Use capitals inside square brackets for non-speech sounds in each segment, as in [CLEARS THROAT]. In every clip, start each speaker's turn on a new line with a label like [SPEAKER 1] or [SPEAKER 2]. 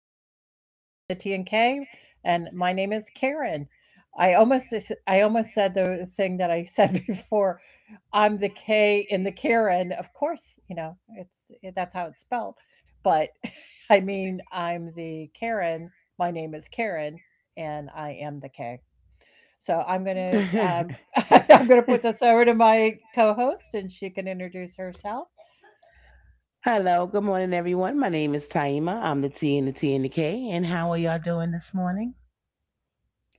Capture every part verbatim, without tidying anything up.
[SPEAKER 1] and I'm the K in the T N K, and my name is Karen. I almost I almost said the thing that I said [LAUGHS] before. I'm the K in the Karen. Of course, you know it's eh, that's how it's spelled. But [LAUGHS] I mean, I'm the Karen. My name is Karen, and I am the K. So I'm gonna um,
[SPEAKER 2] [LAUGHS]
[SPEAKER 1] [LAUGHS] I'm gonna put this over to my co-host, and she can introduce herself.
[SPEAKER 2] Hello, good morning, everyone. My name is Taima. I'm the T and the T and the K. And how are y'all doing this morning?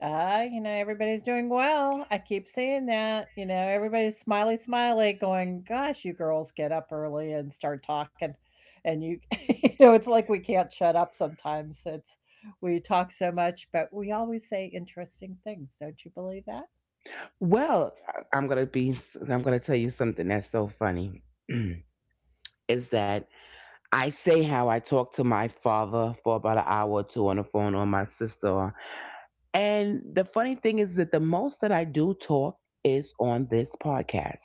[SPEAKER 1] Uh, you know, everybody's doing well. I keep seeing that. You know, everybody's smiley, smiley, going, gosh, you girls get up early and start talking. And you, [LAUGHS] you know, it's like we can't shut up sometimes. It's, we talk so much, but we always say interesting things. Don't you believe that?
[SPEAKER 2] Well, I- I'm gonna be. I'm gonna tell you something that's so funny. [CLEARS THROAT] is that I say how I talked to my father for about an hour or two on the phone, or my sister, And the funny thing is that the most that I do talk is on this podcast.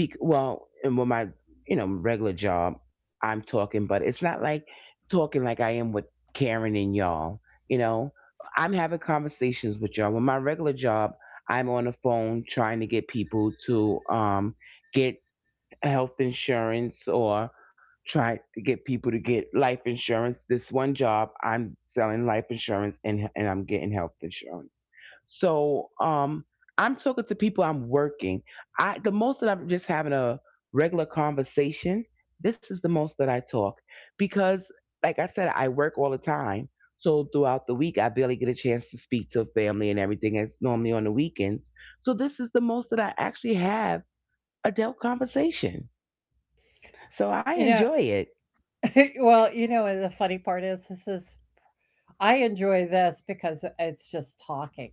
[SPEAKER 2] Be- well, and with my you know regular job, I'm talking, but it's not like talking like I am with Karen and y'all. You know, I'm having conversations with y'all. With my regular job, I'm on the phone trying to get people to um, get health insurance or try to get people to get life insurance. This one job, I'm selling life insurance and and I'm getting health insurance. So um, I'm talking to people. I'm working. I the most that I'm just having a regular conversation. This is the most that I talk because, like I said, I work all the time. So throughout the week, I barely get a chance to speak to family and everything. It's normally on the weekends. So this is the most that I actually have adult conversation. So I
[SPEAKER 1] You know,
[SPEAKER 2] enjoy it.
[SPEAKER 1] [LAUGHS] well, you know, and the funny part is this is I enjoy this because it's just talking.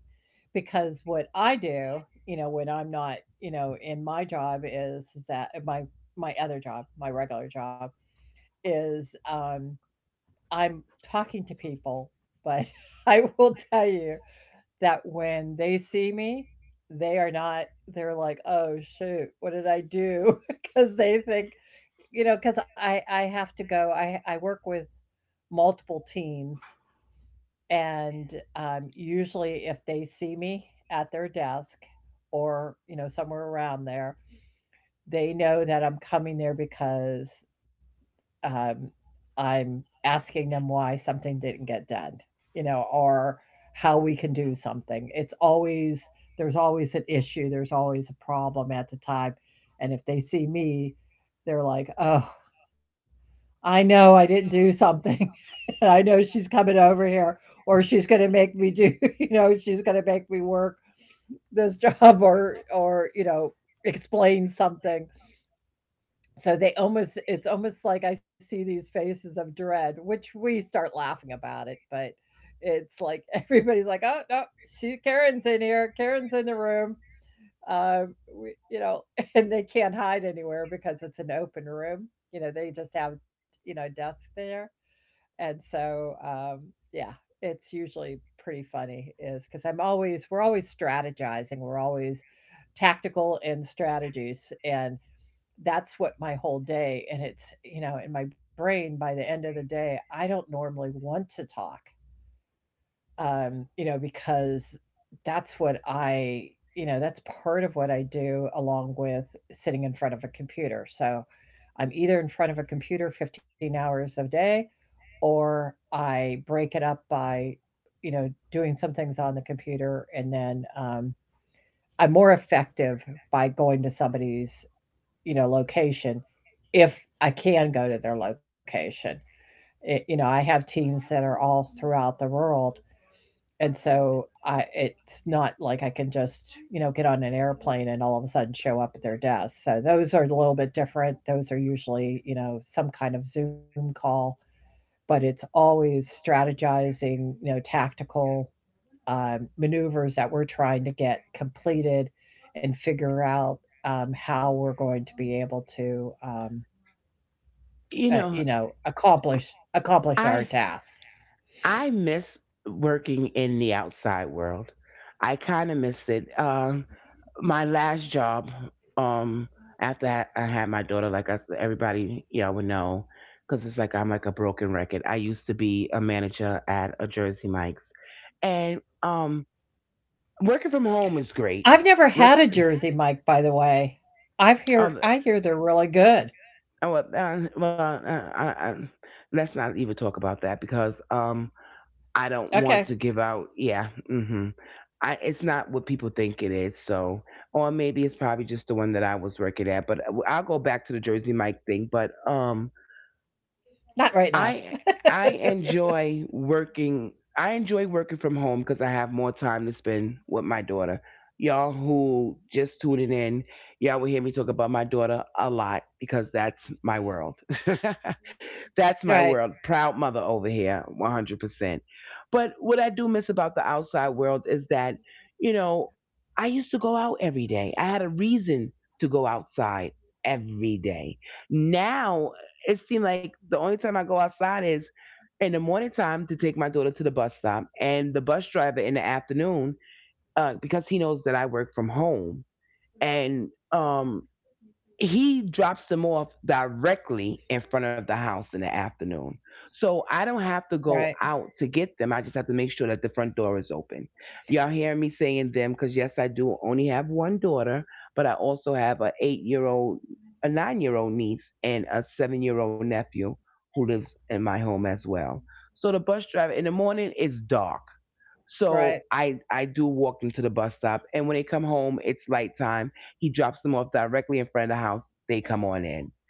[SPEAKER 1] Because what I do, you know, when I'm not, you know, in my job is that uh, my my other job, my regular job is um I'm talking to people, but [LAUGHS] I will tell you that when they see me, they are not they're like, "Oh, shoot, what did I do?" [LAUGHS] Because they think, you know, cuz I I have to go I I work with multiple teams and, um, usually if they see me at their desk or, you know, somewhere around there, they know that I'm coming there because, um, I'm asking them why something didn't get done, you know, or how we can do something. It's always There's always an issue, there's always a problem at the time, and if they see me, they're like, "Oh, I know I didn't do something, [LAUGHS] and I know she's coming over here, or she's gonna make me do, [LAUGHS] you know, she's gonna make me work this [LAUGHS] job or or, you know, explain something." So they almost it's almost like I see these faces of dread, which we start laughing about it, but it's like [LAUGHS] everybody's like, "Oh, no, she Karen's in here. Karen's in the room." Um, we, you know, [LAUGHS] and they can't hide anywhere because it's an open room. You know, they just have, you know, desks there and so, um, yeah, it's usually pretty funny is because I'm always we're always strategizing, we're always tactical in strategies, and that's what my whole day. And it's, you know, in my brain by the end of the day, I don't normally want to talk, um, you know, because that's what I you know, that's part of what I do along with sitting in front of a computer. So I'm either in front of a computer fifteen hours a day or I break it up by, you know, doing some things on the computer and then um, I'm more effective by going to somebody's, you know, location if I can go to their location. It, you know, I have teams that are all throughout the world. And so I it's not like I can just, you know, get on an airplane and all of a sudden show up at their desk. So those are a little bit different. Those are usually, you know, some kind of Zoom call, but it's always strategizing, you know, tactical um, maneuvers that we're trying to get completed and figure out um, how we're going to be able to, um,
[SPEAKER 2] You
[SPEAKER 1] uh, you
[SPEAKER 2] know,
[SPEAKER 1] know, accomplish accomplish our
[SPEAKER 2] I
[SPEAKER 1] tasks.
[SPEAKER 2] I miss working in the outside world. I kind of miss it. Um, my last job, um, after I I had my daughter, like I said, everybody y'all would know, because it's like I'm like a broken record. I used to be a manager at a Jersey Mike's, and um, working from home is great.
[SPEAKER 1] I've never had
[SPEAKER 2] Work,
[SPEAKER 1] a Jersey Mike, by the way. I've hear
[SPEAKER 2] um,
[SPEAKER 1] I hear they're really good.
[SPEAKER 2] oh, well, uh, well uh, I, I, let's not even talk about that because um, I don't want
[SPEAKER 1] Okay,
[SPEAKER 2] to give out. Yeah, hmm I it's not what people think it is. So, or maybe it's probably just the one that I was working at. But I'll go back to the Jersey Mike thing. But um,
[SPEAKER 1] not right now.
[SPEAKER 2] I I enjoy working. I enjoy working from home because I have more time to spend with my daughter. Y'all who just tuning in, y'all will hear me talk about my daughter a lot because that's my world. [LAUGHS] That's my
[SPEAKER 1] Right,
[SPEAKER 2] world. Proud mother over here, one hundred percent. But what I do miss about the outside world is that, you know, I used to go out every day. I had a reason to go outside every day. Now it seemed like the only time I go outside is in the morning time to take my daughter to the bus stop and the bus driver in the afternoon uh, because he knows that I work from home and um he drops them off directly in front of the house in the afternoon. So I don't have to go
[SPEAKER 1] right,
[SPEAKER 2] out to get them. I just have to make sure that the front door is open. Y'all hear me saying them because, yes, I do only have one daughter, but I also have a eight year old, a nine year old niece, and a seven year old nephew who lives in my home as well. So the bus driver in the morning, it's dark. So
[SPEAKER 1] right,
[SPEAKER 2] I I do walk them to the bus stop, and when they come home, it's light time. He drops them off directly in front of the house. They come on in.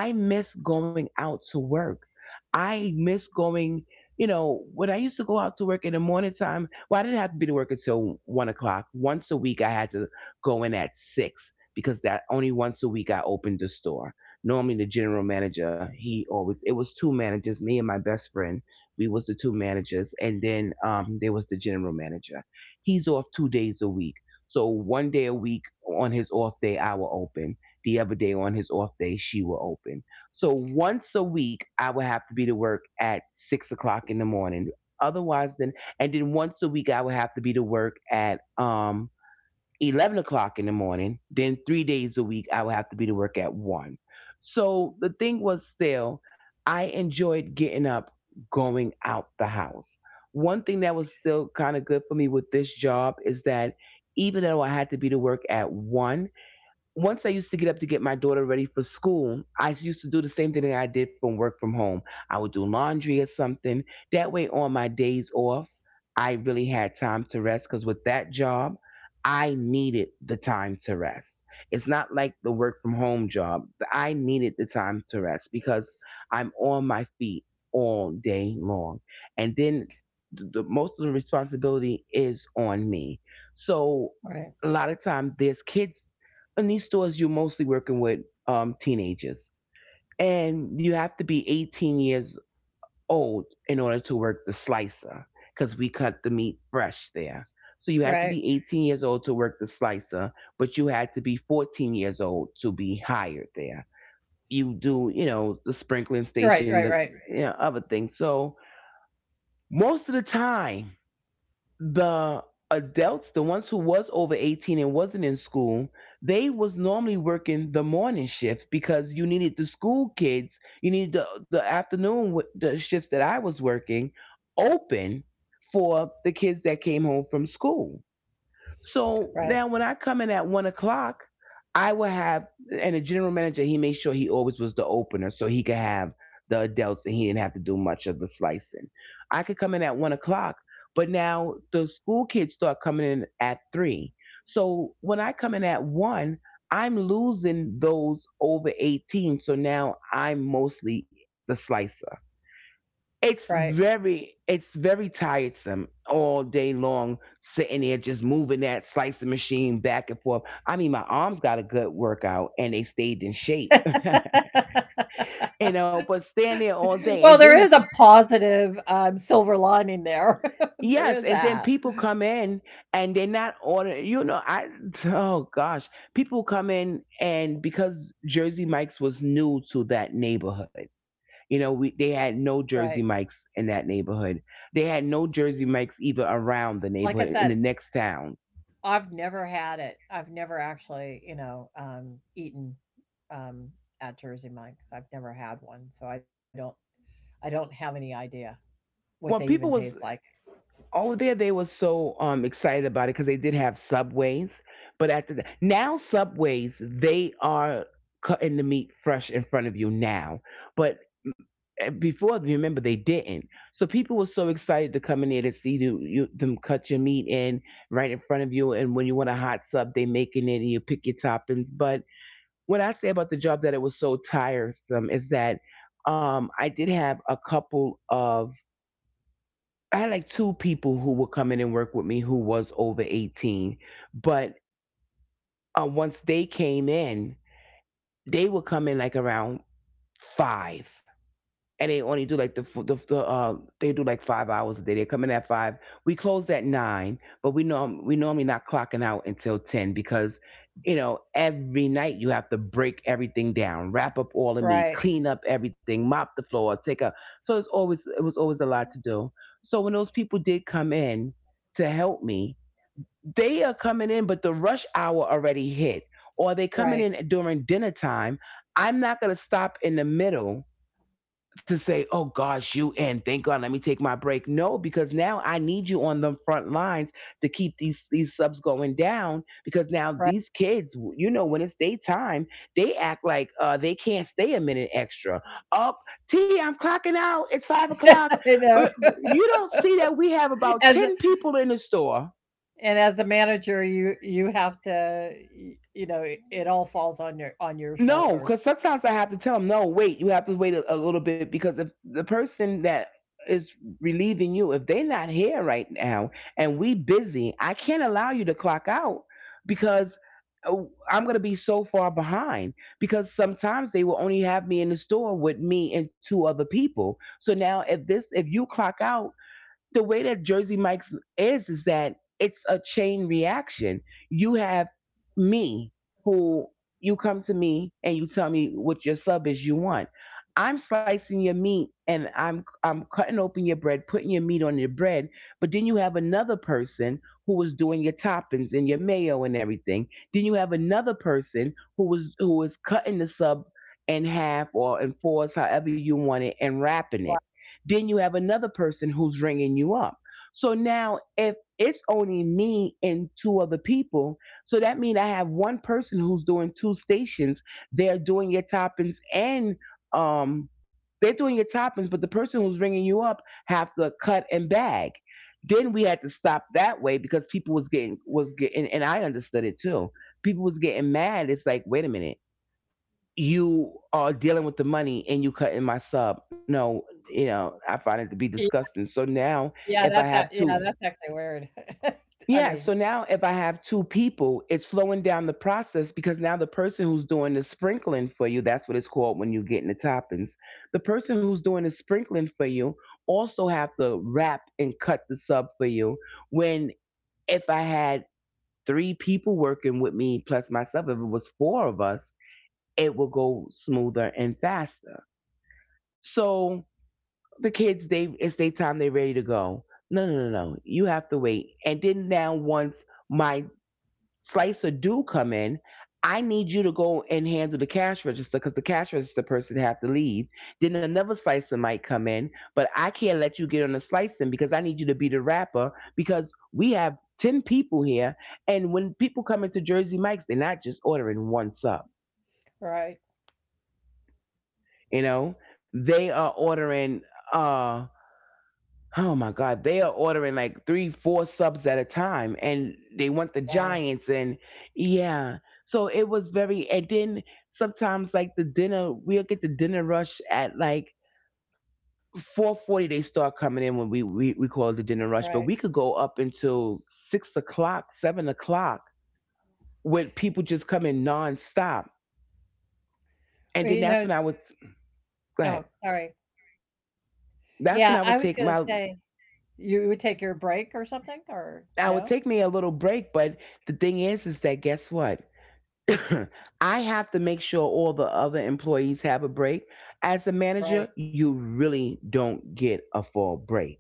[SPEAKER 2] I miss going out to work. I miss going, you know, when I used to go out to work in the morning time, well, I didn't have to be to work until one o'clock. Once a week, I had to go in at six because that only once a week I opened the store. Normally, the general manager, he always, it was two managers, me and my best friend. We was the two managers. And then um, there was the general manager. He's off two days a week. So one day a week on his off day, I will open the other day on his off day she will open. So once a week I would have to be to work at six o'clock in the morning. Otherwise then and then Once a week I would have to be to work at um eleven o'clock in the morning. Then three days a week I would have to be to work at one. So the thing was still I enjoyed getting up, going out the house. One thing that was still kind of good for me with this job is that even though I had to be to work at one, once I used to get up to get my daughter ready for school, I used to do the same thing that I did from work from home. I would do laundry or something. That way, on my days off, I really had time to rest because with that job, I needed the time to rest. It's not like the work from home job. I needed the time to rest because I'm on my feet all day long. And then the, the most of the responsibility is on me. So a lot
[SPEAKER 1] right,
[SPEAKER 2] of time there's kids in these stores. You're mostly working with um, teenagers, and you have to be eighteen years old in order to work the slicer because we cut the meat fresh there. So you had to be
[SPEAKER 1] right, right,
[SPEAKER 2] eighteen years old to work the slicer, but you had to be fourteen years old to be hired there. You do, you know, the sprinkling
[SPEAKER 1] right,
[SPEAKER 2] station,
[SPEAKER 1] right,
[SPEAKER 2] the
[SPEAKER 1] right,
[SPEAKER 2] you know, other things. So most of the time the adults, the ones who was over eighteen and wasn't in school, they was normally working the morning shifts because you needed the school kids, you needed the, the afternoon wi- the shifts that I was working open for the kids that came home from school. So now when I
[SPEAKER 1] right,
[SPEAKER 2] come in at one o'clock, I will have, and the general manager he made sure he always was the opener so he could have the adults and he didn't have to do much of the slicing. I could come in at one o'clock, but now the school kids start coming in at three. So when I come in at one, I'm losing those over eighteen. So now I'm mostly the slicer. it's
[SPEAKER 1] right.
[SPEAKER 2] very it's very tiresome all day long sitting there just moving that slicing machine back and forth. I mean my arms got a good workout and they stayed in shape. [LAUGHS] You know, but stand there all day
[SPEAKER 1] Well,
[SPEAKER 2] and
[SPEAKER 1] there
[SPEAKER 2] then
[SPEAKER 1] is a positive, um, silver lining there. [LAUGHS]
[SPEAKER 2] yes
[SPEAKER 1] There
[SPEAKER 2] and
[SPEAKER 1] is
[SPEAKER 2] then
[SPEAKER 1] that,
[SPEAKER 2] people come in and they're not ordering, you know. I [LAUGHS] Oh gosh, people come in, and because Jersey Mike's was new to that neighborhood, you know, we they had no
[SPEAKER 1] right.
[SPEAKER 2] Jersey Mikes in that neighborhood. They had no Jersey Mikes even around the
[SPEAKER 1] Like I
[SPEAKER 2] neighborhood in
[SPEAKER 1] said,
[SPEAKER 2] the next towns.
[SPEAKER 1] I've never had it. I've never actually, you know, um, eaten, um, at Jersey Mike's. I've never had one, so I don't I don't have any idea what they
[SPEAKER 2] Well,
[SPEAKER 1] even
[SPEAKER 2] people
[SPEAKER 1] taste
[SPEAKER 2] was
[SPEAKER 1] like.
[SPEAKER 2] over there. They were so um, excited about it because they did have subways. But after that, now subways they are cutting the meat fresh in front of you now. But mm, before, remember they didn't. So people were so excited to come in there to see you, you, them cut your meat in right in front of you. And when you want a hot sub, they making it and you pick your toppings. But what I say about the job that it was so tiresome is that um, I did have a couple of I had like two people who would come in and work with me who was over eighteen, but uh, once they came in, they would come in like around five, and they only do like the the, the uh they do like five hours a day. They come in at five. We close at nine, but we norm we normally not clocking out until ten because you know every night you have to break everything down, wrap up all the meat,
[SPEAKER 1] Right,
[SPEAKER 2] clean up everything, mop the floor, take up. So it's always it was always a lot to do. So when those people did come in to help me, they are coming in, but the rush hour already hit, or they coming
[SPEAKER 1] right,
[SPEAKER 2] in during dinner time. I'm not gonna stop in the middle to say, oh gosh, you in. Thank God, let me take my break. No, because now I need you on the front lines to keep these these subs going down. Because now
[SPEAKER 1] right.
[SPEAKER 2] these kids, you know, when it's daytime, they act like uh, they can't stay a minute extra. Up, T, I'm clocking out.
[SPEAKER 1] [LAUGHS]
[SPEAKER 2] It's five
[SPEAKER 1] I
[SPEAKER 2] o'clock.
[SPEAKER 1] know.
[SPEAKER 2] Uh, You don't see that we have
[SPEAKER 1] As a
[SPEAKER 2] about ten people in the store.
[SPEAKER 1] and as a manager, you you have to, y you know, it it all falls on your on your
[SPEAKER 2] No,
[SPEAKER 1] shoulders.
[SPEAKER 2] because sometimes I have to tell them, no, wait, you have to wait a, a little bit because if the person that is relieving you, if they're not here right now and we busy, I can't allow you to clock out because uh, I'm going to be so far behind because sometimes they will only have me in the store with me and two other people. So now if this, if you clock out, the way that Jersey Mike's is is that it's a chain reaction. You have me who, you come to me and you tell me what your sub is you want. I'm slicing your meat and I'm I'm cutting open your bread, putting your meat on your bread, but then you have another person who was doing your toppings and your mayo and everything. Then you have another person who was who was cutting the sub in half or in fours, however you want it, and
[SPEAKER 1] Right.
[SPEAKER 2] wrapping it. Then you have another person who's ringing you up. So now if it's only me and two other people, so that means I have one person who's doing two stations. They're doing your toppings and um they're doing your toppings, but the person who's ringing you up have to cut and bag. Then we had to stop that way because people was getting was getting and I understood it too. People was getting mad. It's like, wait a minute, you are dealing with the money and you cutting my sub. No, you know, I find it to be disgusting. So now
[SPEAKER 1] Yeah,
[SPEAKER 2] if I
[SPEAKER 1] that's a
[SPEAKER 2] have
[SPEAKER 1] yeah,
[SPEAKER 2] two,
[SPEAKER 1] that's actually weird. [LAUGHS] I
[SPEAKER 2] yeah, so
[SPEAKER 1] mean,
[SPEAKER 2] now if I have two people, it's slowing down the process because now the person who's doing the sprinkling for you, that's what it's called when you get in the toppings. The person who's doing the sprinkling for you also have to wrap and cut the sub for you. When, if I had three people working with me plus myself, if it was four of us, it will go smoother and faster. So the kids, they, it's their time. They're ready to go. No, no, no, no. You have to wait. And then now, once my slicer do come in, I need you to go and handle the cash register because the cash register person have to leave. Then another slicer might come in, but I can't let you get on the slicing because I need you to be the wrapper because we have ten people here, and when people come into Jersey Mike's, they're not just ordering one sub.
[SPEAKER 1] right,
[SPEAKER 2] You know, they are ordering. uh, Oh my God, they are ordering like three, four subs at a time, and they want the Giants,
[SPEAKER 1] wow,
[SPEAKER 2] and yeah. So it was very, and then sometimes like the dinner, we'll get the dinner rush at like four forty. They start coming in when we, we we call it the dinner rush, but we
[SPEAKER 1] right.
[SPEAKER 2] could go up until six o'clock, seven o'clock, with people just coming nonstop, and then
[SPEAKER 1] Well,
[SPEAKER 2] that's when
[SPEAKER 1] you
[SPEAKER 2] I
[SPEAKER 1] know,
[SPEAKER 2] would
[SPEAKER 1] it's
[SPEAKER 2] go ahead.
[SPEAKER 1] oh, sorry.
[SPEAKER 2] That's when
[SPEAKER 1] Yeah,
[SPEAKER 2] I
[SPEAKER 1] I
[SPEAKER 2] would
[SPEAKER 1] was
[SPEAKER 2] take
[SPEAKER 1] gonna
[SPEAKER 2] my,
[SPEAKER 1] say, you would take your break or something,
[SPEAKER 2] I
[SPEAKER 1] or
[SPEAKER 2] would take me
[SPEAKER 1] no?
[SPEAKER 2] a little break, but the thing is, is that guess what? [COUGHS] [CLEARS THROAT] I have to make sure all the other employees have a break. As a manager,
[SPEAKER 1] Right,
[SPEAKER 2] you really don't get a full break.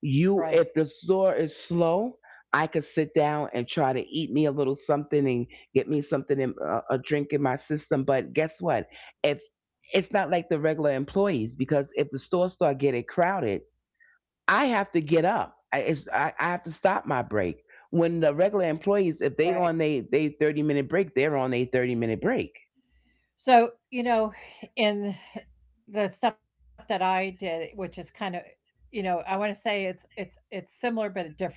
[SPEAKER 2] You,
[SPEAKER 1] right,
[SPEAKER 2] if the store is slow, I could sit down and try to eat me a little something and get me something, in, uh, a drink in my system. But guess what? If it's not like the regular employees, because if the store start getting crowded, I have to get up. I, it's, I, I have to stop my break. When the regular employees, if they
[SPEAKER 1] right.
[SPEAKER 2] on they they thirty minute break, they're on a thirty minute break.
[SPEAKER 1] So, you know, in the stuff that I did, which is kind of, you know, I want to say it's it's it's similar but different,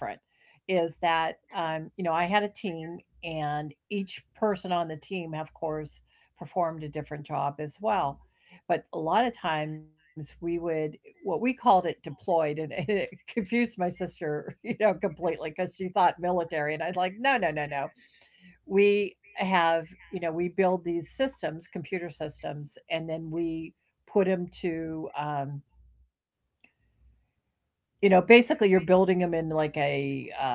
[SPEAKER 1] is that um, you know, I had a team and each person on the team, of course, performed a different job as well. But a lot of times we would what we called it deployed, and [LAUGHS] it confused my sister, you know, completely because she thought military, and I was like, no, no, no, no, we have, you know, we build these systems, computer systems, and then we put them to um, you know, basically you're building them in like a uh,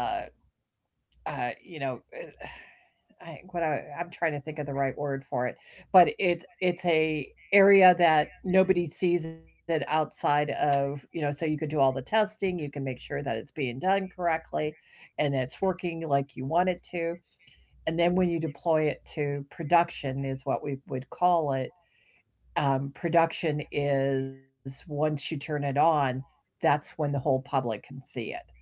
[SPEAKER 1] uh, you know, uh, I, what I, I'm trying to think of the right word for it, but it's it's a area that nobody sees it outside of, you know, so you can do all the testing, you can make sure that it's being done correctly and it's working like you want it to. And then when you deploy it to production is what we would call it. um, production is once you turn it on, that's when the whole public can see it,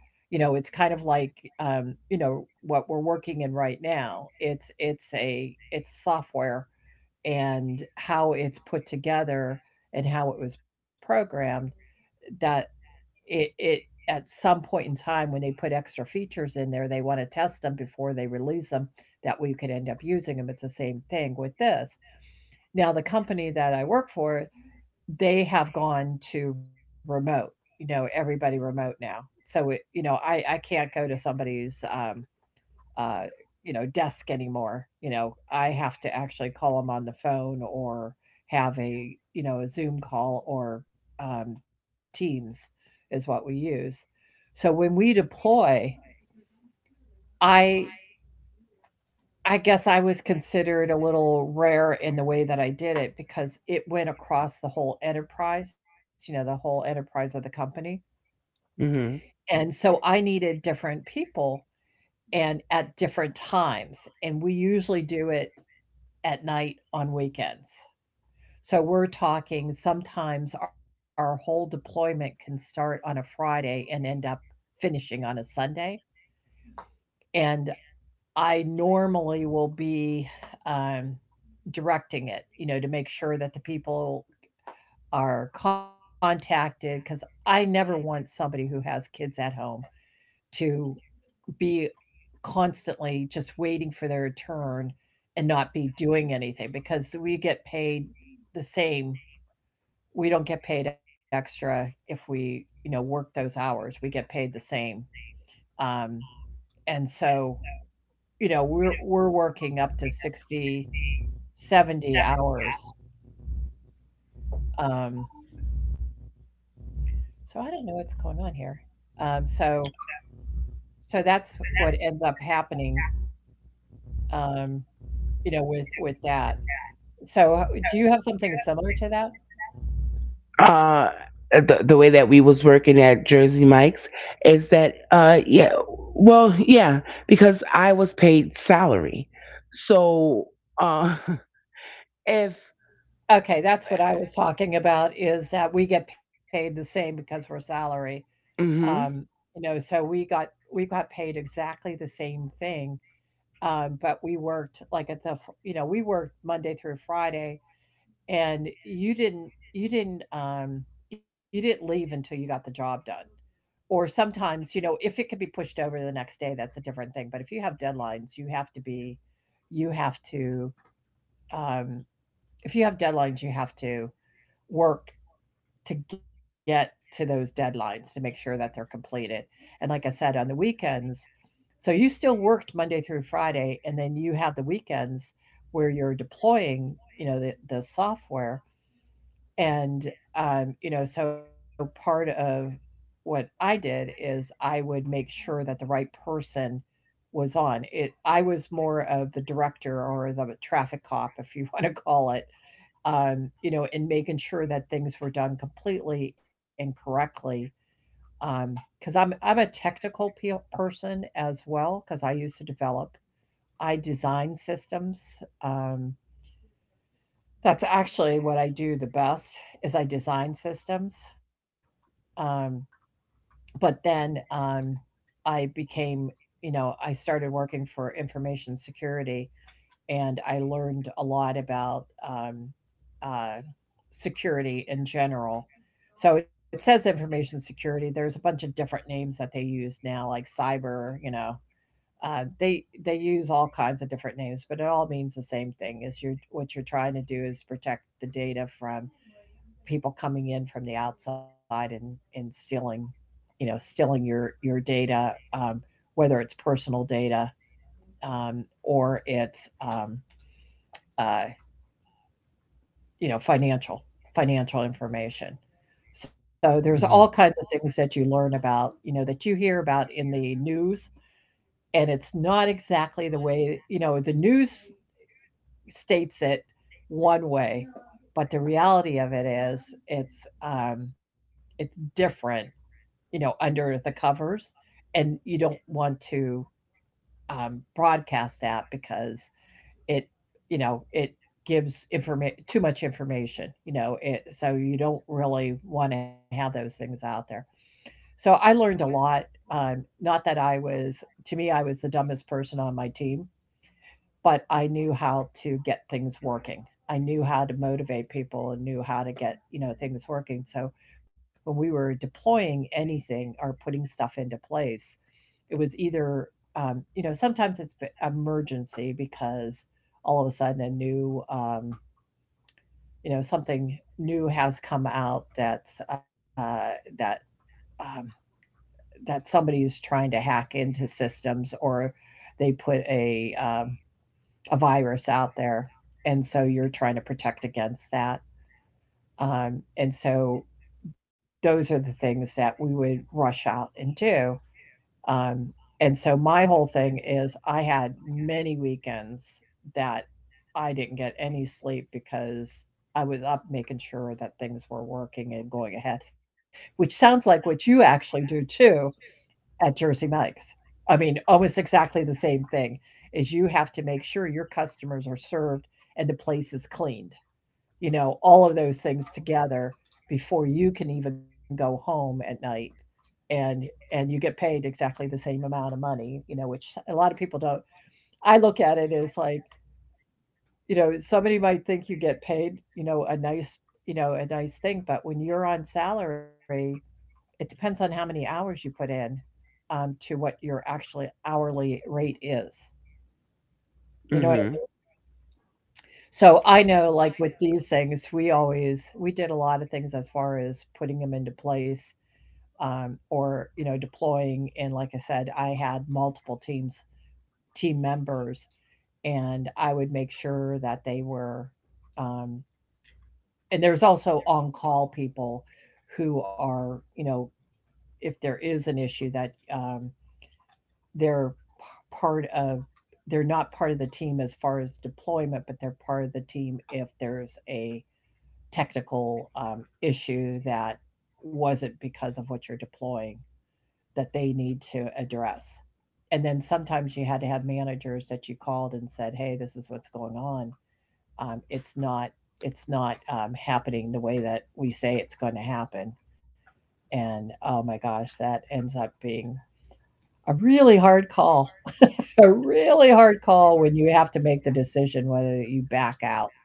[SPEAKER 1] you know. It's kind of like um, you know what we're working in right now. It's it's a it's software and how it's put together and how it was programmed that it it at some point in time when they put extra features in there, they want to test them before they release them. That we could end up using them. It's the same thing with this. Now, the company that I work for, they have gone to remote. You know, everybody remote now. So it, you know, I I can't go to somebody's um, uh, you know, desk anymore. You know, I have to actually call them on the phone or have a, you know, a Zoom call or um, Teams is what we use. So when we deploy, I I guess I was considered a little rare in the way that I did it because it went across the whole enterprise, you know, the whole enterprise of the company.
[SPEAKER 2] Hmm.
[SPEAKER 1] And so I needed different people and at different times. And we usually do it at night on weekends. So we're talking sometimes our whole deployment can start on a Friday and end up finishing on a Sunday. And I normally will be um, directing it, you know, to make sure that the people are contacted because I never want somebody who has kids at home to be constantly just waiting for their turn and not be doing anything because we get paid the same. We don't get paid extra if we, you know, work those hours. We get paid the same. um and so, you know, we're we're working up to sixty, seventy hours. um so I don't know what's going on here. um so so that's what ends up happening. um you know, with with that. So, h do you have something similar to that?
[SPEAKER 2] Uh, the the way that we was working at Jersey Mike's is that uh yeah, well yeah, because I was paid salary, so uh [LAUGHS] if,
[SPEAKER 1] Okay, that's what I was talking about is that we get paid the same because we're salary. Um,
[SPEAKER 2] hmm,
[SPEAKER 1] you know, so we got we got paid exactly the same thing, um, but we worked like at the, f- you know, we worked Monday through Friday and you didn't you didn't um you didn't leave until you got the job done or sometimes, you know, if it can be pushed over to the next day, that's a different thing. But if you have deadlines, you have to be you have to um if you have deadlines, you have to work to get to those deadlines to make sure that they're completed. And like I said, on the weekends, so you still worked Monday through Friday, and then you have the weekends where you're deploying, you know, the, the software. And, um, you know, so part of what I did is I would make sure that the right person was on it. I was more of the director or the traffic cop, if you [LAUGHS] want to call it, um, you know, in making sure that things were done completely and correctly. Um, because I'm I'm a technical pe- person as well. Because I used to develop, I design systems. Um, that's actually what I do the best is I design systems. Um, but then um, I became, you know, I started working for information security and I learned a lot about um, uh, security in general. So it says information security. There's a bunch of different names that they use now, like cyber. You know, uh, they they use all kinds of different names, but it all means the same thing. Is you're what you're trying to do is protect the data from people coming in from the outside and and stealing, you know stealing your your data um, whether it's personal data um, or it's um, uh, you know financial financial information. So there's all kinds
[SPEAKER 2] hmm,
[SPEAKER 1] of things that you learn about, you know, that you hear about in the news, and it's not exactly the way, you know, the news states it one way, but the reality of it is it's um, it's different, you know, under the covers. And you don't want to um, broadcast that because it, you know, it gives informa- too much information, you know, it, so you don't really want to have those things out there. So I learned a lot. Um, not that I was, to me, I was the dumbest person on my team, but I knew how to get things working. I knew how to motivate people and knew how to get, you know, things working. So when we were deploying anything or putting stuff into place, it was either, um, you know, sometimes it's emergency because all of a sudden a new, um, you know, something new has come out that's uh, that um, that somebody is trying to hack into systems, or they put a um, a virus out there, and so you're trying to protect against that. Um, and so those are the things that we would rush out and do. Um, and so my whole thing is I had many weekends that I didn't get any sleep because I was up making sure that things were working and going ahead, which sounds like what you actually do too at Jersey Mike's. I mean, almost exactly the same thing is you have to make sure your customers are served and the place is cleaned. You know, all of those things together before you can even go home at night, and and you get paid exactly the same amount of money, you know, which a lot of people don't. I look at it as like, you know, somebody might think you get paid, you know, a nice, you know, a nice thing, but when you're on salary, it depends on how many hours you put in, um, to what your actually hourly rate is. You know what?
[SPEAKER 2] hmm,
[SPEAKER 1] So I know, like with these things, we always we did a lot of things as far as putting them into place, um, or you know, deploying. And like I said, I had multiple teams team members, and I would make sure that they were. Um, and there's also on call people who are, you know, if there is an issue that um, they're p- part of they're not part of the team as far as deployment, but they're part of the team if there's a technical um, issue that wasn't because of what you're deploying, that they need to address. And then sometimes you had to have managers that you called and said, hey, this is what's going on, um, it's not, it's not um, happening the way that we say it's going to happen. And oh my gosh, that ends up being a really hard call, a really hard call when you have to make the decision whether you back out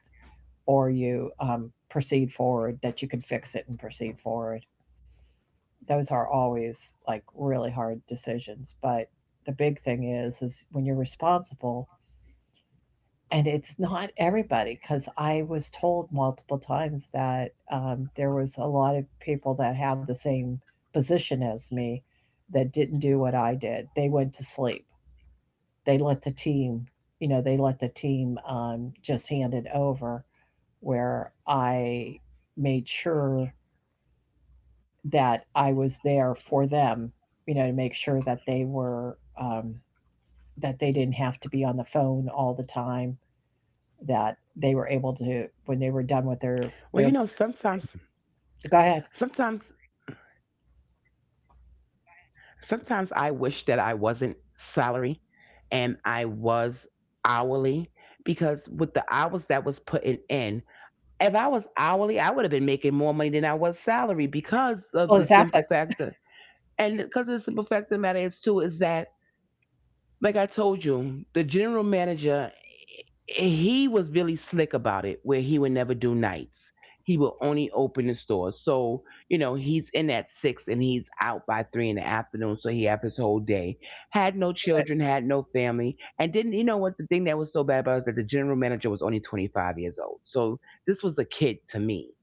[SPEAKER 1] or you um, proceed forward, that you can fix it and proceed forward. Those are always like really hard decisions. But the big thing is, is when you're responsible, and it's not everybody, because I was told multiple times that um, there was a lot of people that have the same position as me that didn't do what I did. They went to sleep, they let the team, you know, they let the team um, just hand it over. Where I made sure that I was there for them, you know, to make sure that they were um, that they didn't have to be on the phone all the time. That
[SPEAKER 2] well you know
[SPEAKER 1] they were able to
[SPEAKER 2] sometimes,
[SPEAKER 1] when they were done with their their.
[SPEAKER 2] sometimes
[SPEAKER 1] Go ahead.
[SPEAKER 2] sometimes I wish that I wasn't salary and I was hourly because with the hours that was putting in, if I was hourly, I would have been making more money than I was salary because of the
[SPEAKER 1] Well,
[SPEAKER 2] simple
[SPEAKER 1] exactly.
[SPEAKER 2] fact that, and because of the simple fact of the matter is too, is that, like I told you, the general manager, he was really slick about it where he would never do nights. He would only open the store, so you know he's in at six and he's out by three in the afternoon, so he have his whole day, had no children, had no family, and didn't, you know what, the thing that was so bad about it is that the general manager was only twenty-five years old, so this was a kid to me,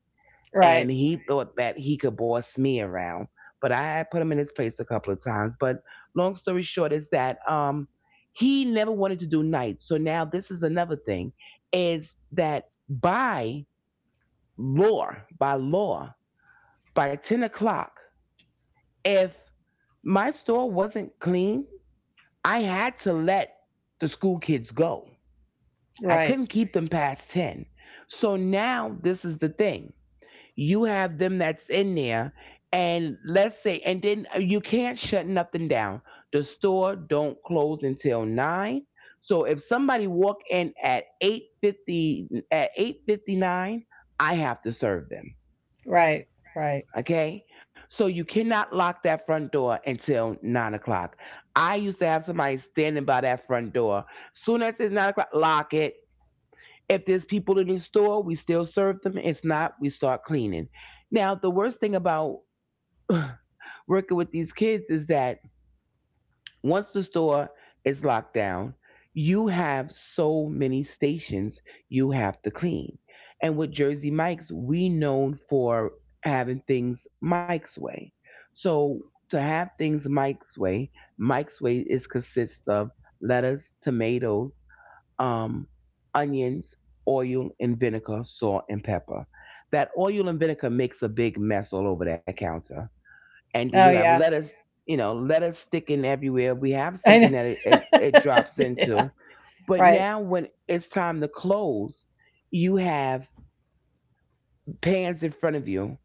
[SPEAKER 1] Right. Right.
[SPEAKER 2] and he thought that he could boss me around. But I had put him in his place a couple of times. But long story short is that um, he never wanted to do nights. So now this is another thing, is that by law, by law, by ten o'clock, if my store wasn't clean, I had to let the school kids go. I
[SPEAKER 1] Right.
[SPEAKER 2] couldn't keep them past ten. So now this is the thing, you have them that's in there, and let's say, and then uh, you can't shut nothing down, the store don't close until nine. So if somebody walk in at eight fifty, at eight fifty-nine, I have to serve them.
[SPEAKER 1] Right. Right.
[SPEAKER 2] Okay, so you cannot lock that front door until nine o'clock. I used to have somebody standing by that front door, soon as it's nine o'clock lock it. If there's people in the store we still serve them, it's not we start cleaning. Now, the worst thing about working with these kids is that once the store is locked down, you have so many stations you have to clean. And with Jersey Mike's, we known for having things Mike's way. So to have things Mike's way, Mike's way is consists of lettuce, tomatoes, um, onions, oil and vinegar, salt and pepper. That oil and vinegar makes a big mess all over that counter, and
[SPEAKER 1] Oh
[SPEAKER 2] then you
[SPEAKER 1] yeah.
[SPEAKER 2] have lettuce. You know, lettuce sticking everywhere. We have
[SPEAKER 1] I
[SPEAKER 2] something that it,
[SPEAKER 1] know. [LAUGHS]
[SPEAKER 2] it, it drops
[SPEAKER 1] Yeah.
[SPEAKER 2] into, but
[SPEAKER 1] Right.
[SPEAKER 2] now when it's time to close, you have pans in front of you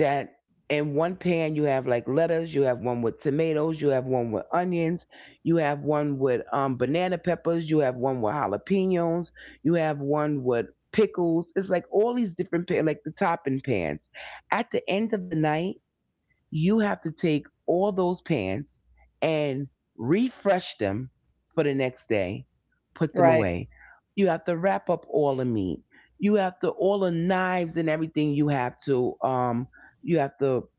[SPEAKER 2] that, in one pan you have like lettuce, you have one with tomatoes, you have one with onions, you have one with um, banana peppers, you have one with jalapenos, you have one with pickles. It's like all these different pan, like the topping pans. At the end of the night, you have to take all those pans and refresh them for the next day, put
[SPEAKER 1] Right.
[SPEAKER 2] them away. You have to wrap up all the meat. You have to, all the knives and everything you have to um you have to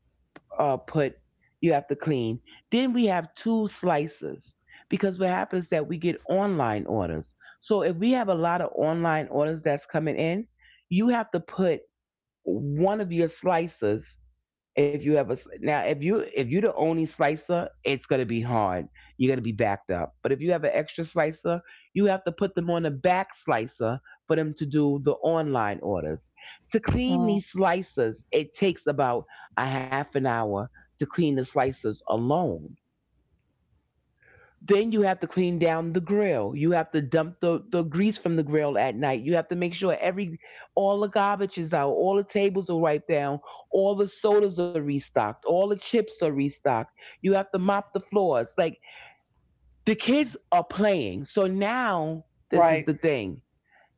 [SPEAKER 2] uh put you have to clean. Then we have two slices because what happens is that we get online orders. So if we have a lot of online orders that's coming in, you have to put one of your slices, if you have a s- now, if you if you're the only slicer, it's gonna be hard. You're gonna be backed up. But if you have an extra slicer, you have to put them on a back slicer for them to do the online orders. To
[SPEAKER 1] Mm,
[SPEAKER 2] clean these slicers, it takes about a half an hour to clean the slicers alone. Then you have to clean down the grill. You have to dump the, the grease from the grill at night. You have to make sure every, all the garbage is out, all the tables are wiped down, all the sodas are restocked, all the chips are restocked. You have to mop the floors. Like the kids are playing. So now this
[SPEAKER 1] right.
[SPEAKER 2] is the thing.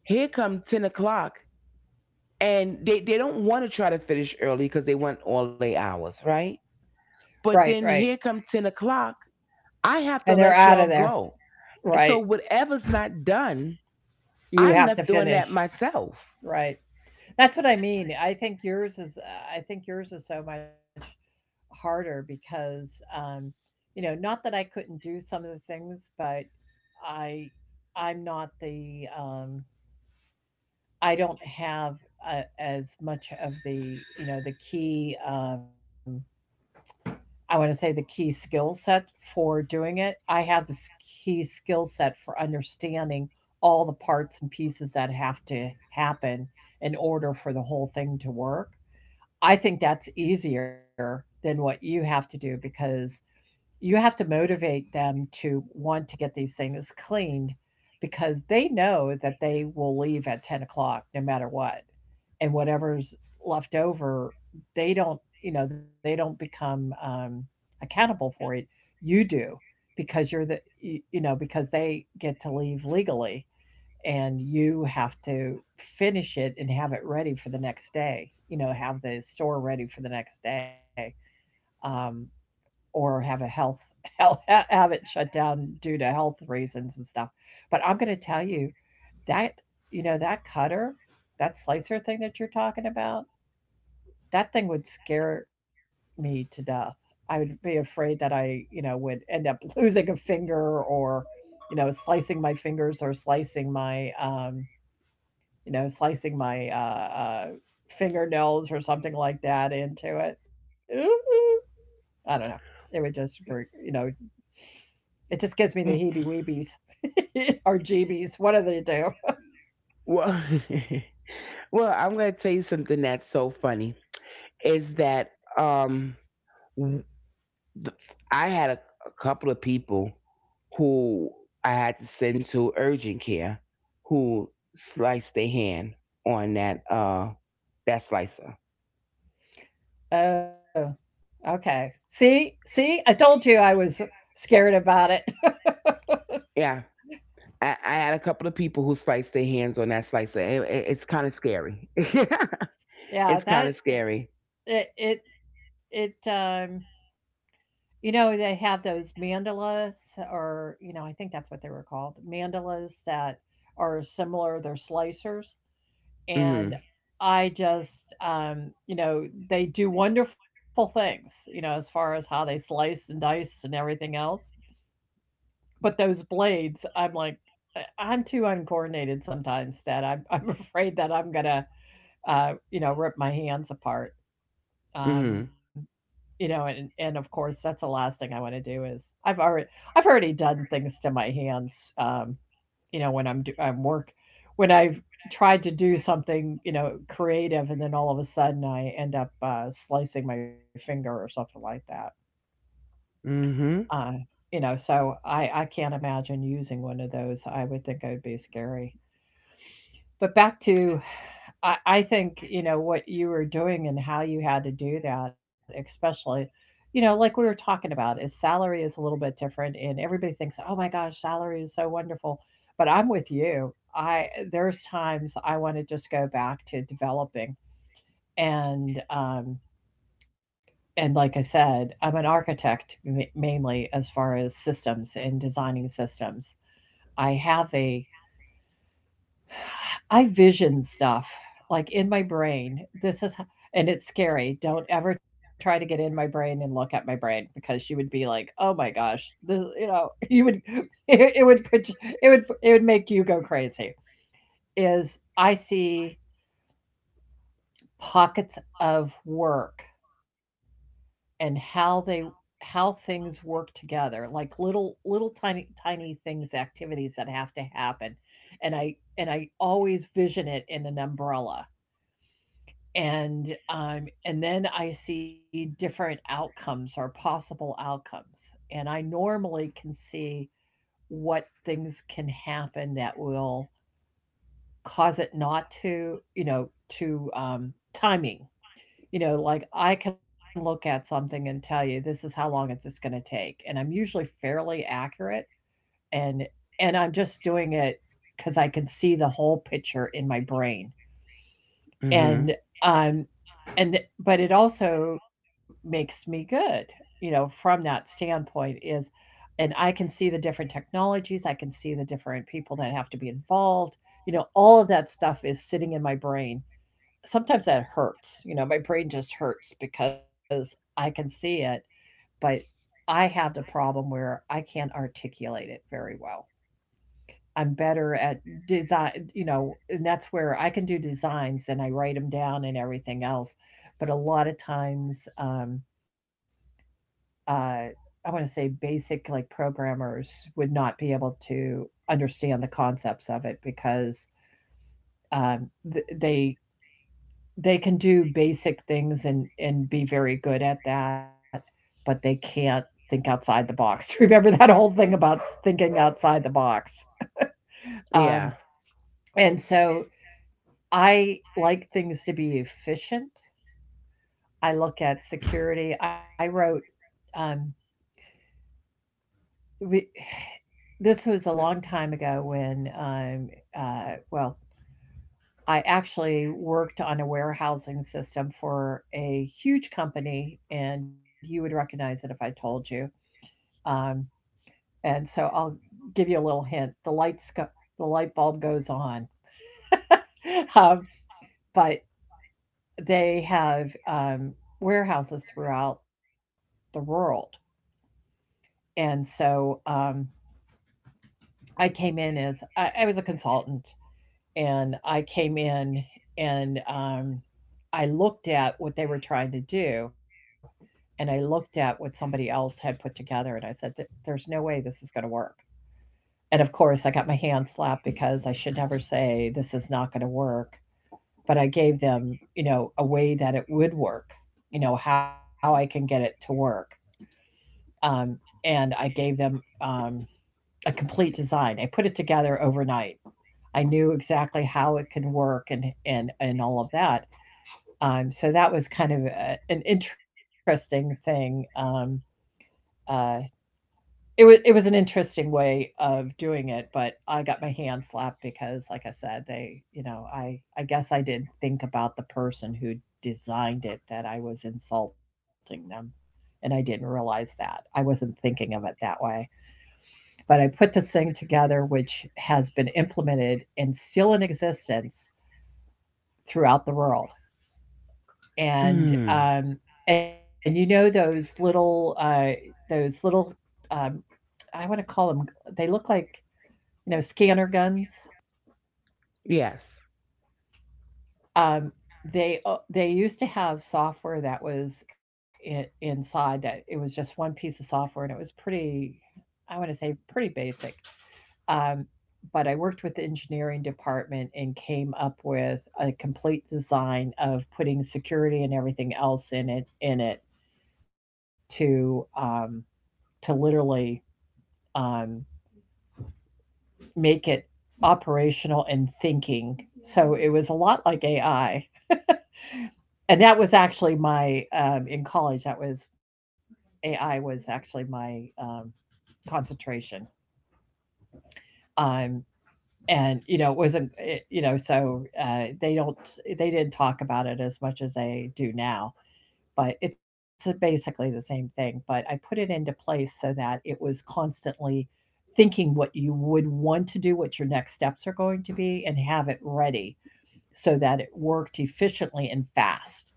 [SPEAKER 2] Here come ten o'clock and they, they don't want to try to finish early because they want all their hours, right?
[SPEAKER 1] Right.
[SPEAKER 2] But
[SPEAKER 1] Right.
[SPEAKER 2] then here come ten o'clock. I
[SPEAKER 1] And
[SPEAKER 2] have to
[SPEAKER 1] they're out
[SPEAKER 2] let
[SPEAKER 1] of
[SPEAKER 2] y'all
[SPEAKER 1] there.
[SPEAKER 2] go.
[SPEAKER 1] Right.
[SPEAKER 2] So whatever's not done,
[SPEAKER 1] You
[SPEAKER 2] I'm
[SPEAKER 1] have to
[SPEAKER 2] left doing that
[SPEAKER 1] finish.
[SPEAKER 2] myself.
[SPEAKER 1] Right. That's what I mean. I think yours is uh, I think yours is so much harder because um you know, not that I couldn't do some of the things, but I I'm not the um I don't have a, as much of the, you know, the key um I want to say the key skill set for doing it. I have this key skill set for understanding all the parts and pieces that have to happen in order for the whole thing to work. I think that's easier than what you have to do because you have to motivate them to want to get these things cleaned, because they know that they will leave at ten o'clock no matter what. And whatever's left over, they don't, you know, they don't become um, accountable for it. You do because you're the, you, you know, because they get to leave legally, and you have to finish it and have it ready for the next day, you know, have the store ready for the next day. Um, or have a health, [LAUGHS] health, have it shut down due to health reasons and stuff. But I'm going to tell you that you know that cutter, that slicer thing that you're talking about, that thing would scare me to death. I would be afraid that I, you know, would end up [LAUGHS] losing a finger, or you know, slicing my fingers or slicing my, um, you know, slicing my uh, uh, fingernails or something like that into it. Ooh, ooh. I don't know. It would just, br- you know, it just gives me the heebie
[SPEAKER 2] Mm.
[SPEAKER 1] weebies [LAUGHS] or jeebies, what do they do?
[SPEAKER 2] Well, [LAUGHS] well, I'm gonna tell you something that's so funny is that um, I had a, a couple of people who I had to send to urgent care who sliced their hand on that uh that slicer.
[SPEAKER 1] Oh, okay. See, see, I told you I was scared about it. [LAUGHS]
[SPEAKER 2] Yeah. I, I had a couple of people who sliced their hands on that slicer. It- it- it's kind of scary. [LAUGHS]
[SPEAKER 1] Yeah,
[SPEAKER 2] It's kind
[SPEAKER 1] that
[SPEAKER 2] of scary.
[SPEAKER 1] it it it um you know, they have those mandalas, or you know, I think that's what they were called, mandalas, that are similar, they're slicers, and
[SPEAKER 2] Hmm.
[SPEAKER 1] I just um you know, they do wonderful things, you know, as far as how they slice and dice and everything else. But those blades, I'm like, I I'm too uncoordinated sometimes that I'm [LAUGHS] I'm afraid that I'm gonna, uh, you know, rip my hands apart. Um,
[SPEAKER 2] Hmm.
[SPEAKER 1] you know, and and of course, that's the last thing I want to do is I've already I've already done things to my hands. Um, you know, when I'm do, I'm work when I've tried to do something, you know, creative, and then all of a sudden I end up uh, slicing my finger or something like that.
[SPEAKER 2] Mm-hmm.
[SPEAKER 1] Uh, you know, so I I can't imagine using one of those. I would think I would be scary. But back to I I think, you know, what you were doing and how you had to do that, especially, you know, like we were talking about, is salary is a little bit different, and everybody thinks, "Oh my gosh, salary is so wonderful." But I'm with you. I there's times I want to just go back to developing, and um and like I said, I'm an architect ma- mainly as far as systems and designing systems. I have a, [SIGHS] I vision stuff like in my brain. This is, h- and it's scary. Don't ever try to get in my brain and look at my brain, because you would be like, oh my gosh, this, you know, [LAUGHS] you would, [LAUGHS] it, it would put, you- it would, it would make you go crazy. Is I see pockets of work and how they how things work together, like little little tiny tiny things, activities that have to happen. And i and i always vision it in an umbrella, and um and then I see different outcomes or possible outcomes, and I normally can see what things can happen that will cause it not to, you know, to um timing. You know, like I can look at something and tell you this is how long is this going to take, and I'm usually fairly accurate, and and I'm just doing it because I can see the whole picture in my brain.
[SPEAKER 2] Mm-hmm.
[SPEAKER 1] And um, and but it also makes me good, you know, from that standpoint is and I can see the different technologies, I can see the different people that have to be involved. You know, all of that stuff is sitting in my brain, sometimes that hurts. You know, my brain just hurts because I can see it, but I have the problem where I can't articulate it very well. I'm better at design, you know, and that's where I can do designs and I write them down and everything else. But a lot of times, um, uh, I want to say basic like programmers would not be able to understand the concepts of it, because um, th- they they can do basic things and and be very good at that, but they can't think outside the box. [LAUGHS] Remember that whole thing about thinking outside the box? um
[SPEAKER 2] Yeah.
[SPEAKER 1] and so I like things to be efficient. I look at security. I wrote um we, this was a long time ago, when um uh well, I actually worked on a warehousing system for a huge company, and you would recognize it if I told you. Um, And so I'll give you a little hint. The lights go, the light bulb goes on. [LAUGHS] Um, but they have, um, warehouses throughout the world. And so, um, I came in as, I, I was a consultant, and I came in, and, um, I looked at what they were trying to do, and I looked at what somebody else had put together, and I said, "Th- there's no way this is going to work." And of course, I got my hand slapped, because I should never say this is not going to work. But I gave them, you know, a way that it would work, you know, how I can get it to work. Um, and I gave them, um, a complete design. I put it together overnight. I knew exactly how it can work, and and and all of that. Um, so that was kind of a, an interesting thing, um, uh, It was it was an interesting way of doing it, but I got my hand slapped because, like I said, they, you know, I I guess I did think about the person who designed it, that I was insulting them, and I didn't realize that. I wasn't thinking of it that way. But I put this thing together, which has been implemented and still in existence throughout the world. And
[SPEAKER 2] Mm.
[SPEAKER 1] um, and you know those little, uh, those little um, I want to call them. They look like, you know, scanner guns.
[SPEAKER 2] Yes.
[SPEAKER 1] Um, they, uh, they used to have software that was in, inside, that it was just one piece of software, and it was pretty, I want to say pretty basic. Um, but I worked with the engineering department and came up with a complete design of putting security and everything else in it in it to, um, to literally, um, make it operational and thinking. So it was a lot like A I. And that was actually my, um in college, that was, A I was actually my, um, concentration. Um, and, you know, it wasn't, it, you know, so, uh, they don't they didn't talk about it as much as they do now, but it's, uh, basically the same thing. But I put it into place so that it was constantly thinking what you would want to do, what your next steps are going to be, and have it ready so that it worked efficiently and fast.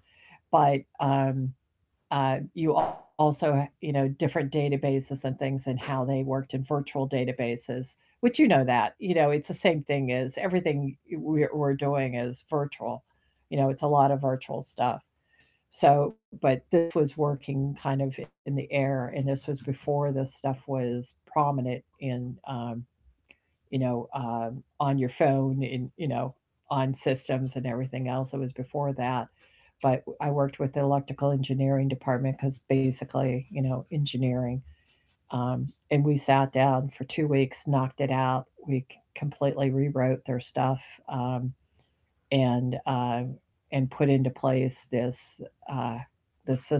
[SPEAKER 1] But, um, uh, you also, you know, different databases and things, and how they worked in virtual databases, which, you know, that, you know, it's the same thing, as everything we're, we're doing is virtual. You know, it's a lot of virtual stuff. So, but this was working kind of in the air, and this was before this stuff was prominent in, um, you know, um, on your phone, in, you know, on systems and everything else. It was before that. But I worked with the electrical engineering department, because basically, you know, engineering. Um, and we sat down for two weeks, knocked it out. We completely rewrote their stuff, um, and uh, and put into place this, uh, the system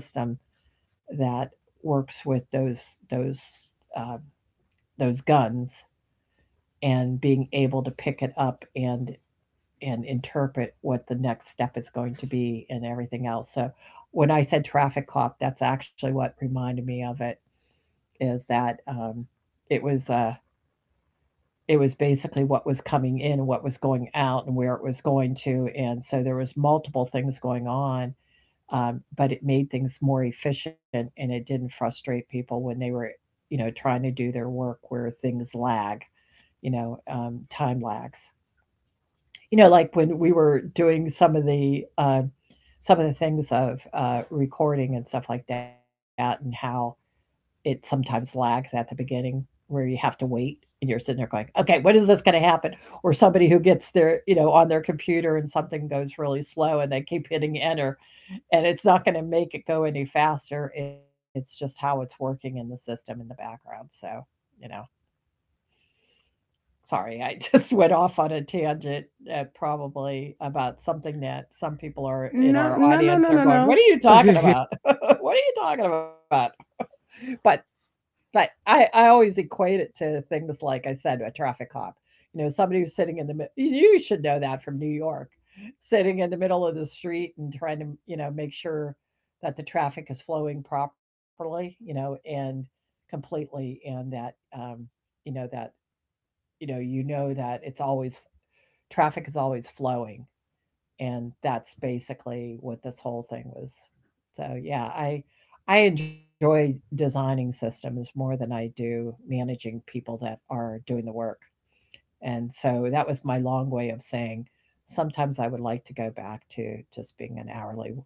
[SPEAKER 1] that works with those those uh, those guns, and being able to pick it up and and interpret what the next step is going to be, and everything else. So when I said traffic cop, that's actually what reminded me of it. Is that, um, it was uh, it was basically what was coming in and what was going out and where it was going to, and so there was multiple things going on, um, but it made things more efficient, and it didn't frustrate people when they were, you know, trying to do their work, where things lag, you know, um, time lags. You know, like when we were doing some of the uh, some of the things of, uh, recording and stuff like that, and how it sometimes lags at the beginning, where you have to wait, and you're sitting there going, okay, when is this going to happen? Or somebody who gets their, you know, on their computer, and something goes really slow, and they keep hitting enter, and it's not going to make it go any faster. It's just how it's working in the system in the background. So, you know. Sorry, I [LAUGHS] just went off on a tangent, uh, probably about something that some people are in
[SPEAKER 2] No,
[SPEAKER 1] our
[SPEAKER 2] no, no,
[SPEAKER 1] audience
[SPEAKER 2] no,
[SPEAKER 1] are
[SPEAKER 2] no,
[SPEAKER 1] going, "What
[SPEAKER 2] no.
[SPEAKER 1] are you talking
[SPEAKER 2] [LAUGHS]
[SPEAKER 1] about? [LAUGHS] What are you talking about?" But but I I always equate it to things, like I said, a traffic cop. You know, somebody who's sitting in the mid- you should know that from New York — sitting in the middle of the street and trying to, you know, make sure that the traffic is flowing properly, you know, and completely, and that, um, you know that you know you know that it's always, traffic is always flowing, and that's basically what this whole thing was. So yeah, i i enjoy designing systems more than I do managing people that are doing the work. And so that was my long way of saying, sometimes I would like to go back to just being an hourly,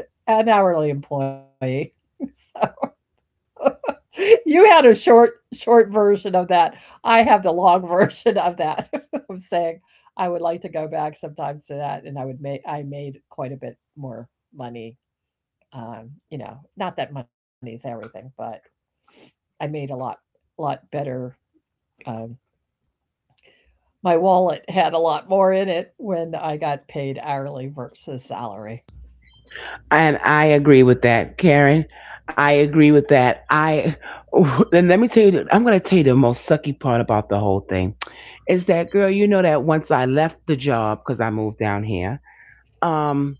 [SPEAKER 1] [LAUGHS] an hourly employee. [LAUGHS] [LAUGHS] You had a short short version of that. I have the long [LAUGHS] version of that. [LAUGHS] I'm saying, I would like to go back sometimes to that, and I would make I made quite a bit more money. Um, you know, not that money is everything, but I made a lot, lot better. Um, my wallet had a lot more in it when I got paid hourly versus salary.
[SPEAKER 2] And I agree with that, Karen. I agree with that. I [SIGHS] and let me tell you, I'm going to tell you the most sucky part about the whole thing is that girl. You know that once I left the job because I moved down here, um,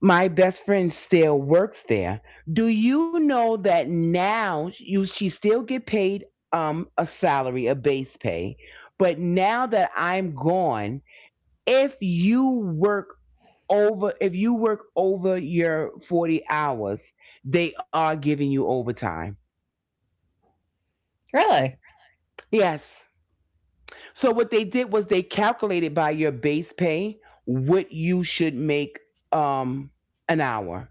[SPEAKER 2] my best friend still works there. Do you know that now you she still get paid um a salary, a base pay, but now that I'm gone, if you work over, if you work over your forty hours, they are giving you overtime.
[SPEAKER 1] Really?
[SPEAKER 2] Yes. So what they did was they calculated by your base pay what you should make um an hour.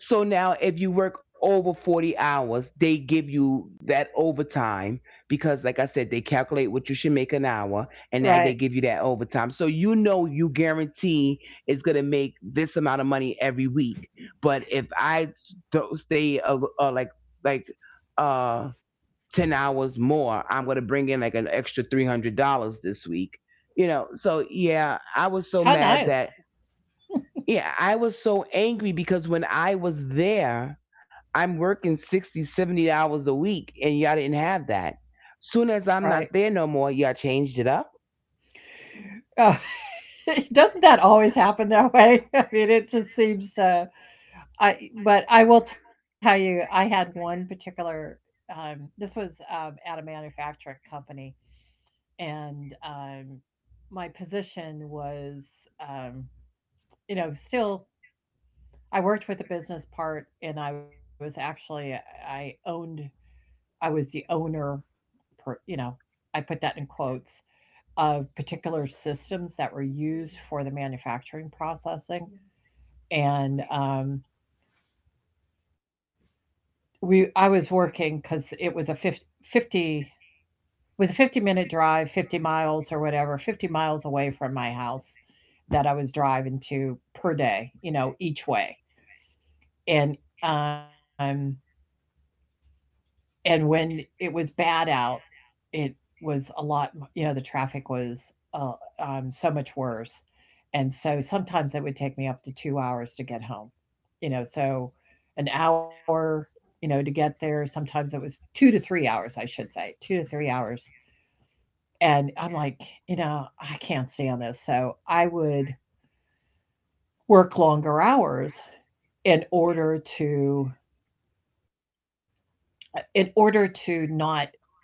[SPEAKER 2] So now if you work over forty hours, they give you that overtime because, like I said, they calculate what you should make an hour and now they
[SPEAKER 1] Right.
[SPEAKER 2] give you that overtime. So, you know, you guarantee it's going to make this amount of money every week. But if I don't stay uh, uh, like like uh ten hours more, I'm going to bring in like an extra three hundred dollars this week, you know. So yeah, I was so
[SPEAKER 1] How
[SPEAKER 2] mad
[SPEAKER 1] nice.
[SPEAKER 2] that. Yeah, I was so angry because when I was there, I'm working sixty, seventy hours a week and y'all didn't have that. Soon as I'm
[SPEAKER 1] Right.
[SPEAKER 2] not there no more, y'all changed it up.
[SPEAKER 1] Oh, [LAUGHS] doesn't that always happen that way? [LAUGHS] I mean, it just seems to, I but I will tell you, I had one particular. Um, this was, um, at a manufacturing company, and, um, my position was, um, you know, still, I worked with the business part, and I was actually, I owned, I was the owner, per, you know, I put that in quotes, of particular systems that were used for the manufacturing processing, and, um, we I was working because it was a fifty, fifty, was a fifty minute drive, fifty miles or whatever, fifty miles away from my house that I was driving to per day, you know, each way. And um and when it was bad out, it was a lot. You know, the traffic was, uh, um so much worse. And so sometimes it would take me up to two hours to get home. You know, so an hour, you know, to get there. Sometimes it was two to three hours, I should say, two to three hours. And I'm like, you know, I can't stand this. So I would work longer hours in order to, uh, in order to not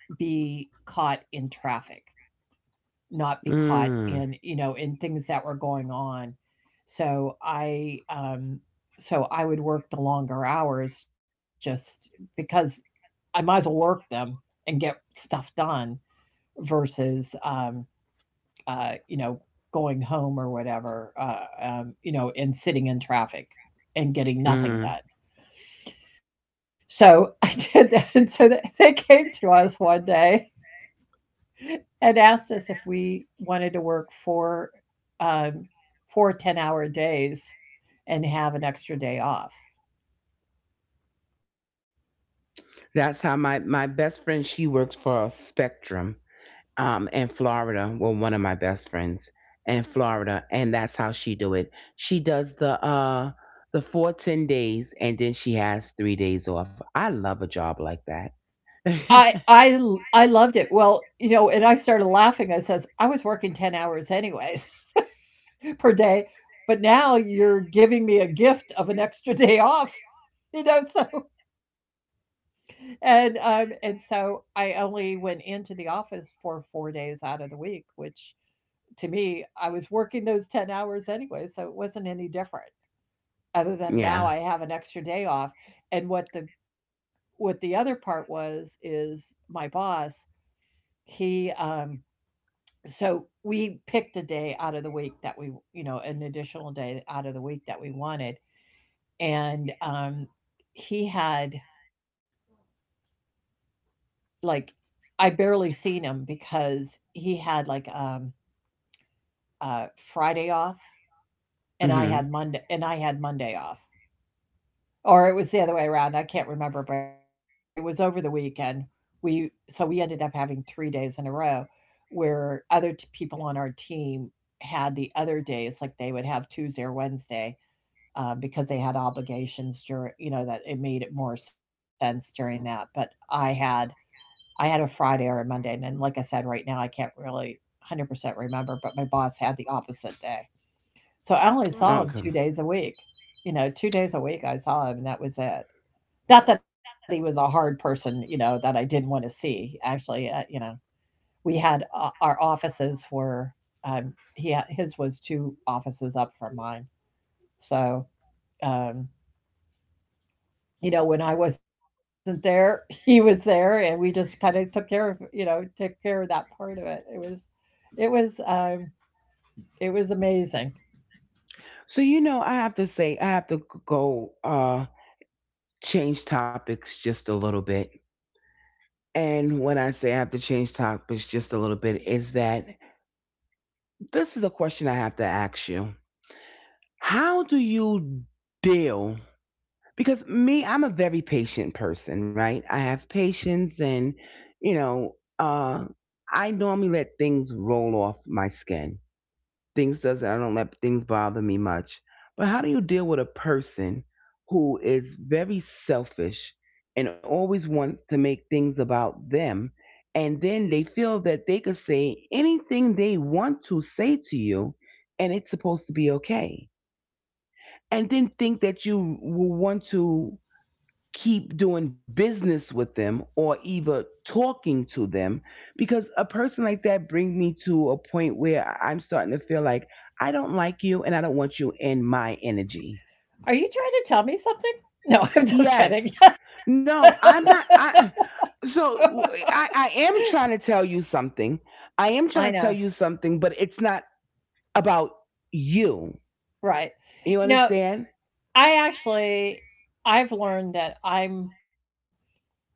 [SPEAKER 1] be caught in traffic, not be caught
[SPEAKER 2] Mm.
[SPEAKER 1] in, you know, in things that were going on. So I um so I would work the longer hours, just because I might as well work them and get stuff done, versus um uh, you know, going home or whatever, uh, um, you know, and sitting in traffic and getting
[SPEAKER 2] Mm.
[SPEAKER 1] nothing done. So [LAUGHS] I did that. And so they they came to us one day and asked us if we wanted to work for, um, four ten hour days and have an extra day off.
[SPEAKER 2] That's how my my best friend, she works for Spectrum, um, in Florida. Well, one of my best friends in Florida, and that's how she do it. She does the uh the four ten days, and then she has three days off. I love a job like that. [LAUGHS]
[SPEAKER 1] I I l- I loved it. Well, you know, and I started laughing. I says, I was working ten hours anyways, per day. But now you're giving me a gift of an extra [LAUGHS] day off, you know. So, and um and so I only went into the office for four days out of the week, which to me, I was working those ten hours anyway, so it wasn't any different, other than now
[SPEAKER 2] Yeah.
[SPEAKER 1] I have an extra day off. And what the what the other part was, is my boss, he, um so we picked a day out of the week that we, you know, an additional day out of the week that we wanted. And, um, he had, like, I barely seen him because he had, like, um uh Friday off, and I
[SPEAKER 2] Mhm.
[SPEAKER 1] had Monday and I had Monday off. Or it was the other way around. I can't remember, but it was over the weekend. We so we ended up having three days in a row where other t- people on our team had the other days, like they would have Tuesday or Wednesday. Uh, because they had obligations during, you know, that it made it more sense during that. But I had I had a Friday or a Monday, and then, like I said, right now I can't really one hundred percent remember, but my boss had the opposite day. So I only saw him two
[SPEAKER 2] Okay.
[SPEAKER 1] days a week. You know, two days a week I saw him, and that was it. Not that he was a hard person, you know, that I didn't want to see. Actually, uh, you know, we had uh, our offices were, um, he had, his was two offices up from mine. So, um, you know, when I wasn't there, [LAUGHS] he was there, and we just kind of took care of, you know, took care of that part of it. It was It was, um, it was amazing.
[SPEAKER 2] So, you know, I have to say, I have to go uh change topics just a little bit. And when I say I have to change topics just a little bit, is that this is a question I have to ask you. How do you deal, because me, I'm a very patient person, right? I have patience, and you know, uh I normally let things roll off my skin. Things doesn't I don't let things bother me much. But how do you deal with a person who is very selfish and always wants to make things about them, and then they feel that they could say anything they want to say to you and it's supposed to be okay, and then think that you will want to keep doing business with them or even talking to them? Because a person like that brings me to a point where I'm starting to feel like, I don't like you and I don't want you in my energy.
[SPEAKER 1] Are you trying to tell me something? No, [LAUGHS] I'm just kidding.
[SPEAKER 2] Yes. No, I'm not.
[SPEAKER 1] [LAUGHS]
[SPEAKER 2] I so I I am trying to tell you something. I am trying to
[SPEAKER 1] I
[SPEAKER 2] tell you
[SPEAKER 1] know,
[SPEAKER 2] something, but it's not about you.
[SPEAKER 1] right.
[SPEAKER 2] You
[SPEAKER 1] No,
[SPEAKER 2] understand?
[SPEAKER 1] I actually I've learned that I'm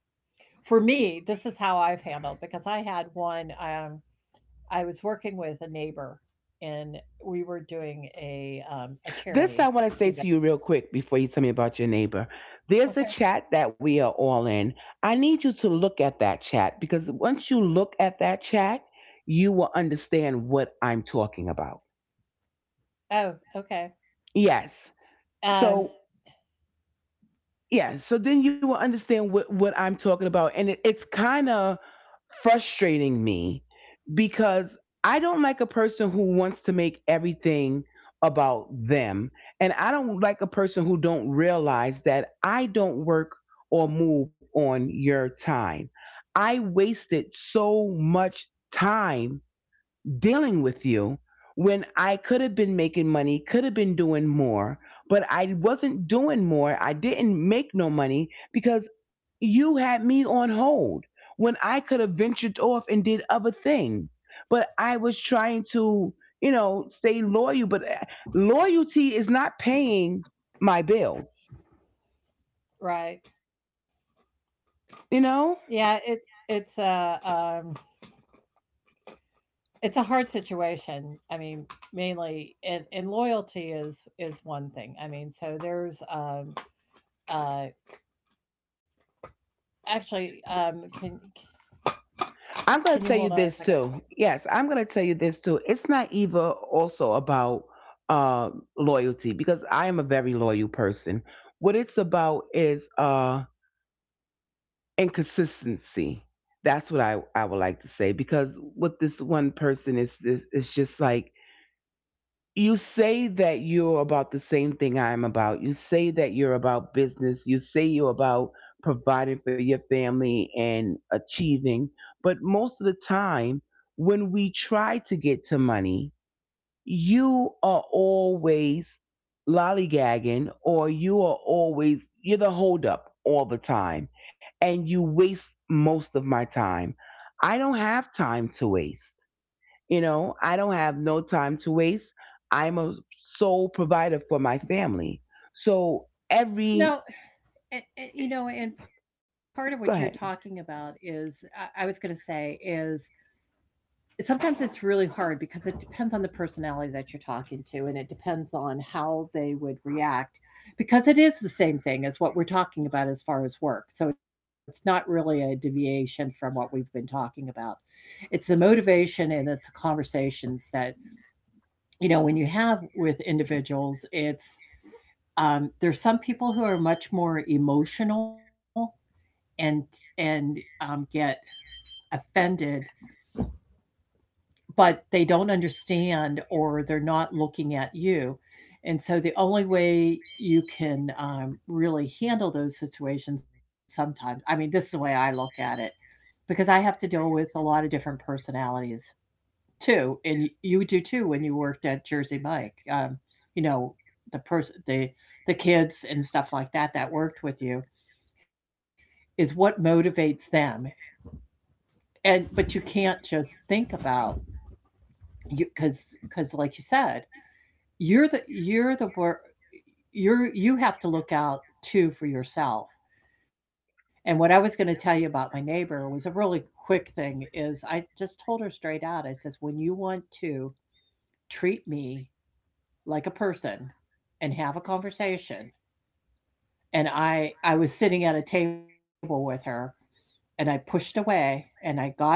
[SPEAKER 1] for me, this is how I've handled, because I had one um I was working with a neighbor, and we were doing a um a
[SPEAKER 2] This I
[SPEAKER 1] charity
[SPEAKER 2] want to say to
[SPEAKER 1] event.
[SPEAKER 2] you real quick before you tell me about your neighbor. There's
[SPEAKER 1] Okay.
[SPEAKER 2] a chat that we are all in. I need you to look at that chat, because once you look at that chat, you will understand what I'm talking about.
[SPEAKER 1] Oh, okay.
[SPEAKER 2] Yes.
[SPEAKER 1] Um
[SPEAKER 2] So, yeah. So then you will understand what, what I'm talking about. And it, it's kind of frustrating me because I don't like a person who wants to make everything about them, and I don't like a person who don't realize that I don't work or move on your time. I wasted so much time dealing with you when I could have been making money, could have been doing more, but I wasn't doing more. I didn't make no money because you had me on hold when I could have ventured off and did other things. But I was trying to, you know, stay loyal, but uh, loyalty is not paying my bills,
[SPEAKER 1] right.
[SPEAKER 2] you
[SPEAKER 1] Yeah,
[SPEAKER 2] know?
[SPEAKER 1] it's it's uh um it's a hard situation. I mean, mainly, and, and loyalty is is one thing. I mean, so there's um uh actually um can can
[SPEAKER 2] I'm
[SPEAKER 1] you
[SPEAKER 2] going
[SPEAKER 1] hold
[SPEAKER 2] to tell
[SPEAKER 1] on a
[SPEAKER 2] you
[SPEAKER 1] second?
[SPEAKER 2] this too. Yes, I'm going to tell you this too. It's not either also about uh, loyalty, because I am a very loyal person. What it's about is uh, inconsistency. That's what I, I would like to say, because what this one person is, is, is just like, you say that you're about the same thing I'm about. You say that you're about business. You say you're about providing for your family and achieving. But most of the time, when we try to get to money, you are always lollygagging, or you are always, you're the holdup all the time. And you waste most of my time. I don't have time to waste. You know, I don't have no time to waste. I'm a sole provider for my family. So
[SPEAKER 1] No,
[SPEAKER 2] every
[SPEAKER 1] and, and, you know, and part of what you're talking
[SPEAKER 2] go
[SPEAKER 1] about
[SPEAKER 2] ahead.
[SPEAKER 1] is I, I was going to say is, sometimes it's really hard because it depends on the personality that you're talking to, and it depends on how they would react, because it is the same thing as what we're talking about as far as work. So it's not really a deviation from what we've been talking about. It's the motivation and it's the conversations that, you know, when you have with individuals, it's um, there's some people who are much more emotional, and and um, get offended, but they don't understand or they're not looking at you. And so the only way you can um, really handle those situations sometimes, I mean, this is the way I look at it, because I have to deal with a lot of different personalities too. And y- you do too when you worked at Jersey Mike. Um, you know, the person, the, the kids and stuff like that that worked with you is what motivates them. And, but you can't just think about you, because, because like you said, You're the you're the wor you're you have to look out too for yourself. And what I was gonna tell you about my neighbor was a really quick thing is I just told her straight out, I says, "When you want to treat me like a person and have a conversation," and I I was sitting at a table with her, and I pushed away and I got up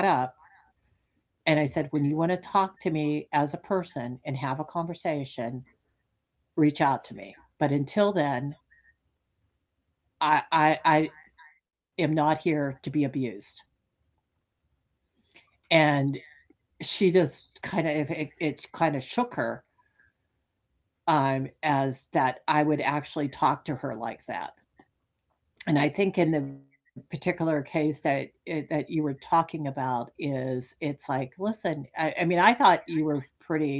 [SPEAKER 1] and I said, "When you wanna talk to me as a person and have a conversation, reach out to me. But until then, I I, I am not here to be abused." And she just kind of it, it kind of shook her, um, as that I would actually talk to her like that. And I think in the particular case that eh, that you were talking about is it's like, listen, I, I mean, I thought you were pretty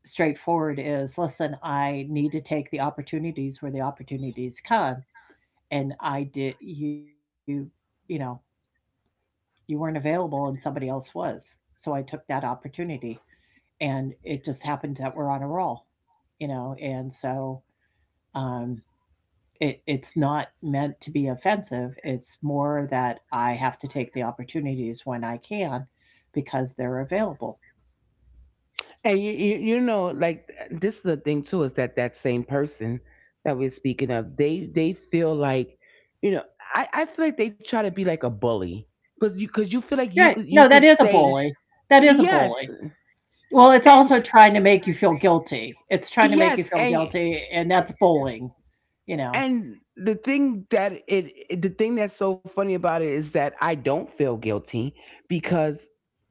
[SPEAKER 1] straightforward. Is listen, I need to take the opportunities where the opportunities come, and I did you, you know, you weren't available and somebody else was. So I took that opportunity and it just happened that we're on a roll, you know, and so um it, it's not meant to be offensive. It's more that I have to take the opportunities when I can because they're available.
[SPEAKER 2] And you, you you know like, this is the thing too, is that that same person that we're speaking of, they they feel like, you know I I feel like they try to be like a bully, because you because you feel like you
[SPEAKER 1] Right.
[SPEAKER 2] could you
[SPEAKER 1] No,
[SPEAKER 2] could
[SPEAKER 1] that is a
[SPEAKER 2] say
[SPEAKER 1] bully. That is a
[SPEAKER 2] yes
[SPEAKER 1] bully. Well, it's also
[SPEAKER 2] and
[SPEAKER 1] trying to make you feel guilty. It's trying to make you
[SPEAKER 2] yes
[SPEAKER 1] feel
[SPEAKER 2] and.
[SPEAKER 1] guilty, and that's bullying, you know.
[SPEAKER 2] And the thing that it, it- the thing that's so funny about it is that I don't feel guilty because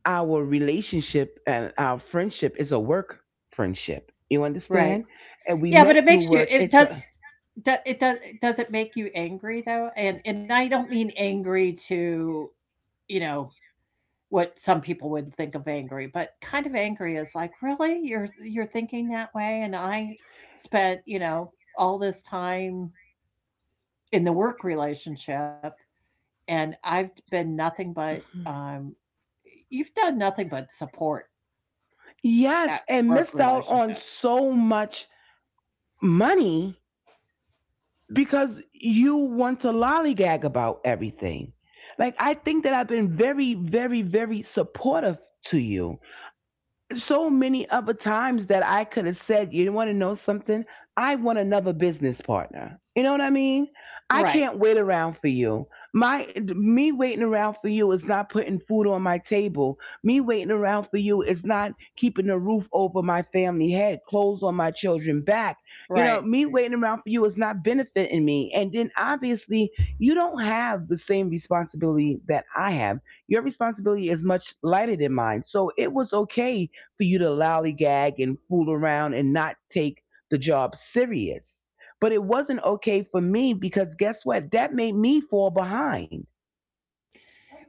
[SPEAKER 2] our relationship and our friendship is a work friendship. You
[SPEAKER 1] Right.
[SPEAKER 2] understand? And we
[SPEAKER 1] Yeah, but
[SPEAKER 2] met
[SPEAKER 1] it
[SPEAKER 2] through
[SPEAKER 1] makes you
[SPEAKER 2] work.
[SPEAKER 1] it
[SPEAKER 2] It's a
[SPEAKER 1] does do it does does it make you angry though? And and I don't mean angry to, you know, what some people would think of angry, but kind of angry is like, really? You're you're thinking that way? And I spent, you know, all this time in the work relationship, and I've been nothing but um you've done nothing but support
[SPEAKER 2] Yes,
[SPEAKER 1] that
[SPEAKER 2] and
[SPEAKER 1] work
[SPEAKER 2] missed out on
[SPEAKER 1] relationship.
[SPEAKER 2] so much money because you want to lollygag about everything. Like, I think that I've been very, very, very supportive to you so many other times, that I could have said, you want to know something? I want another business partner. You know what I mean? I
[SPEAKER 1] Right.
[SPEAKER 2] can't wait around for you. My Me waiting around for you is not putting food on my table. Me waiting around for you is not keeping a roof over my family head, clothes on my children back. You know,
[SPEAKER 1] Right.
[SPEAKER 2] me waiting around for you is not benefiting me. And then, obviously, you don't have the same responsibility that I have. Your responsibility is much lighter than mine. So it was okay for you to lollygag and fool around and not take the job serious. But it wasn't okay for me because guess what? That made me fall behind.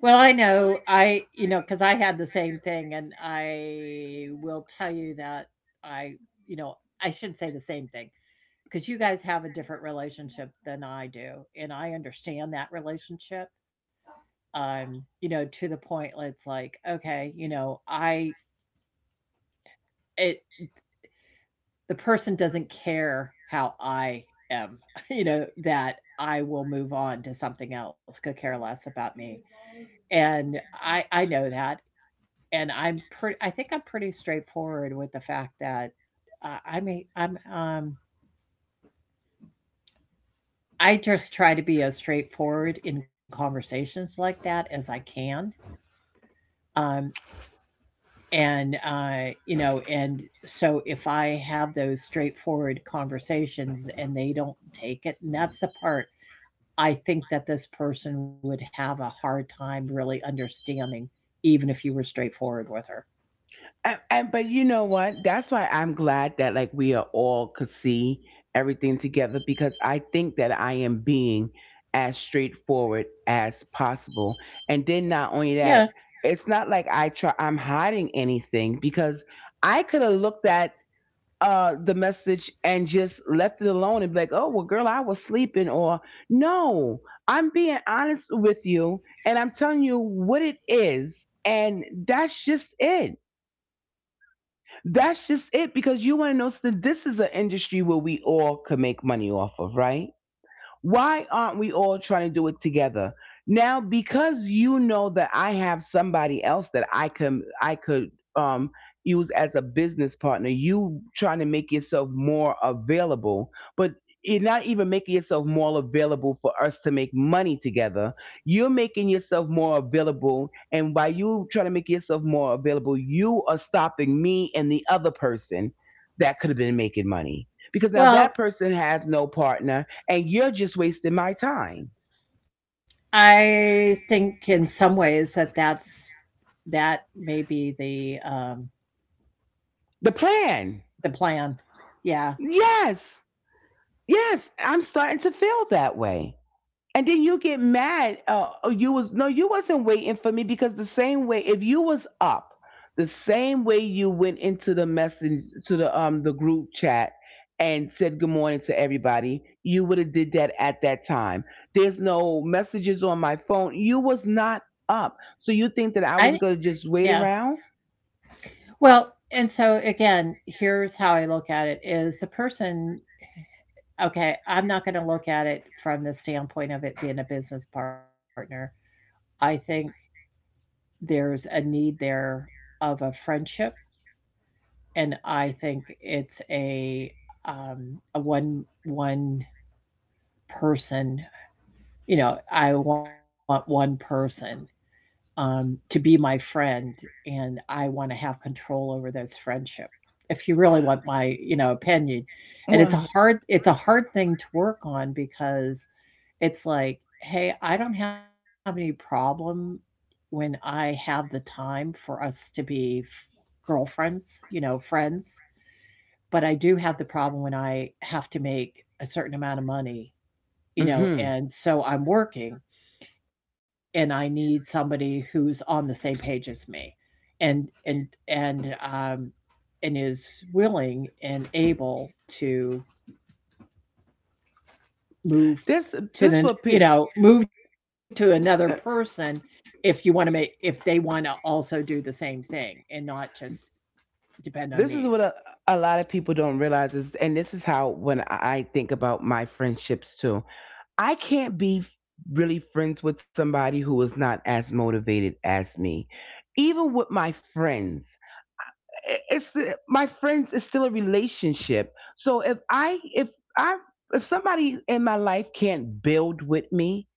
[SPEAKER 1] Well, I know I you know, because I had the same thing, and I will tell you that I you know, I should say the same thing, because you guys have a different relationship than I do, and I understand that relationship, um, you know, to the point where it's like, okay, you know, I it the person doesn't care how I am, [LAUGHS] you know, that I will move on to something else, could care less about me, and I I know that, and I'm pretty. I think I'm pretty straightforward with the fact that uh, I mean I'm um I just try to be as straightforward in conversations like that as I can. Um, and uh, you know, and so if I have those straightforward conversations and they don't take it, and that's the part I think that this person would have a hard time really understanding, even if you were straightforward with her.
[SPEAKER 2] And, and but you know what? That's why I'm glad that, like, we are all could see everything together, because I think that I am being as straightforward as possible. And then not only
[SPEAKER 1] Yeah.
[SPEAKER 2] that, it's not like I try I'm hiding anything, because I could have looked at uh the message and just left it alone and be like, oh well, girl, I was sleeping or no, I'm being honest with you and I'm telling you what it is. And that's just it. That's just it. Because you want to know, so this is an industry where we all could make money off of, right? Why aren't we all trying to do it together? Now, because you know that I have somebody else that I can I could um use as a business partner, you trying to make yourself more available, but you're not even making yourself more available for us to make money together. You're making yourself more available, and by you trying to make yourself more available, you are stopping me and the other person that could have been making money, because now
[SPEAKER 1] Well,
[SPEAKER 2] that person has no partner and you're just wasting my time.
[SPEAKER 1] I think in some ways that that's that may be the, um,
[SPEAKER 2] The plan.
[SPEAKER 1] the plan. Yeah.
[SPEAKER 2] Yes. Yes, I'm starting to feel that way. And then you get mad. Uh, oh, you was no, you wasn't waiting for me, because the same way if you was up, the same way you went into the message to the um the group chat and said good morning to everybody, you would have did that at that time. There's no messages on my phone. You was not up. So you think that
[SPEAKER 1] I
[SPEAKER 2] I was going to just
[SPEAKER 1] yeah.
[SPEAKER 2] wait around?
[SPEAKER 1] Well, and so again, here's how I look at it is the person okay, I'm not going to look at it from the standpoint of it being a business partner. I think there's a need there of a friendship, and I think it's a um a one one person, you know, I want one person um, to be my friend, and I want to have control over this friendship. If you really want my, you know, opinion. And it's a
[SPEAKER 2] Well.
[SPEAKER 1] hard it's a hard thing to work on, because it's like, hey, I don't have any problem when I have the time for us to be f- girlfriends, you know, friends, but I do have the problem when I have to make a certain amount of money, you know,
[SPEAKER 2] Mhm.
[SPEAKER 1] and so I'm working, and I need somebody who's on the same page as me, and and and um and is willing and able to move
[SPEAKER 2] This
[SPEAKER 1] to
[SPEAKER 2] this
[SPEAKER 1] the
[SPEAKER 2] what
[SPEAKER 1] you
[SPEAKER 2] people
[SPEAKER 1] know move to another person if you want to make if they want to also do the same thing and not just depend on me,
[SPEAKER 2] this is what a, a lot of people don't realize is, and this is how when I think about my friendships too. I can't be f- really friends with somebody who is not as motivated as me. Even with my friends. it- it's my friends, it's still a relationship, so if i if i if somebody in my life can't build with me,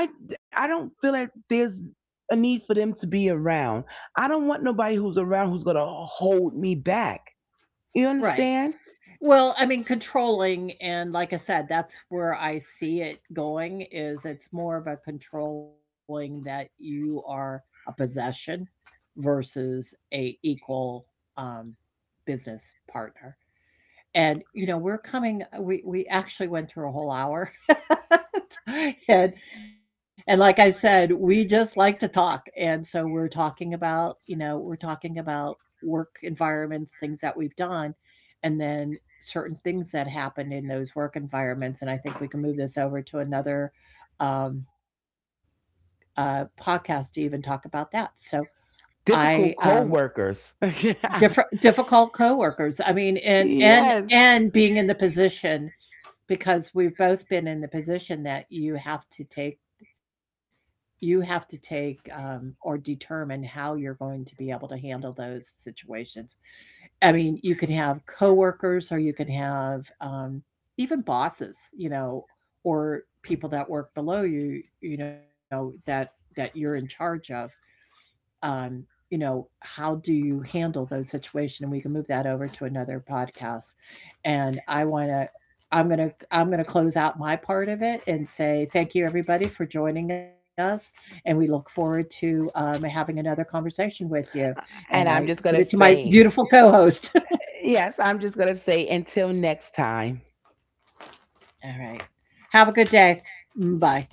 [SPEAKER 2] i i don't feel that there's a need for them to be around. I don't want nobody who's around who's gonna hold me back. You
[SPEAKER 1] right.
[SPEAKER 2] understand?
[SPEAKER 1] Well, I mean, controlling, and like I said, that's where I see it going is it's more of a controlling that you are a possession versus a equal, um, business partner. And, you know, we're coming uh, we we actually went through a whole hour. [LAUGHS] And and like I said, we just like to talk. And so we're talking about, you know, we're talking about work environments, things that we've done, and then certain things that happened in those work environments. And I think we can move this over to another um, uh, podcast to even talk about that. So I
[SPEAKER 2] Difficult
[SPEAKER 1] um,
[SPEAKER 2] co-workers. [LAUGHS]
[SPEAKER 1] different difficult coworkers. I mean, and and
[SPEAKER 2] Yes,
[SPEAKER 1] and being in the position, because we've both been in the position that you have to take you have to take, um, or determine how you're going to be able to handle those situations. I mean, you could have coworkers, or you could have, um, even bosses, you know, or people that work below you, you know, that that you're in charge of, um, you know, how do you handle those situations? And we can move that over to another podcast. And I want to. I'm gonna I'm gonna close out my part of it and say thank you everybody for joining us, and we look forward to, um, having another conversation with you. And I
[SPEAKER 2] and i'm
[SPEAKER 1] put it
[SPEAKER 2] just
[SPEAKER 1] to
[SPEAKER 2] gonna
[SPEAKER 1] my beautiful
[SPEAKER 2] say
[SPEAKER 1] co-host. [LAUGHS]
[SPEAKER 2] yes I'm just gonna say until next time.
[SPEAKER 1] All right, have a good day. Mm, bye.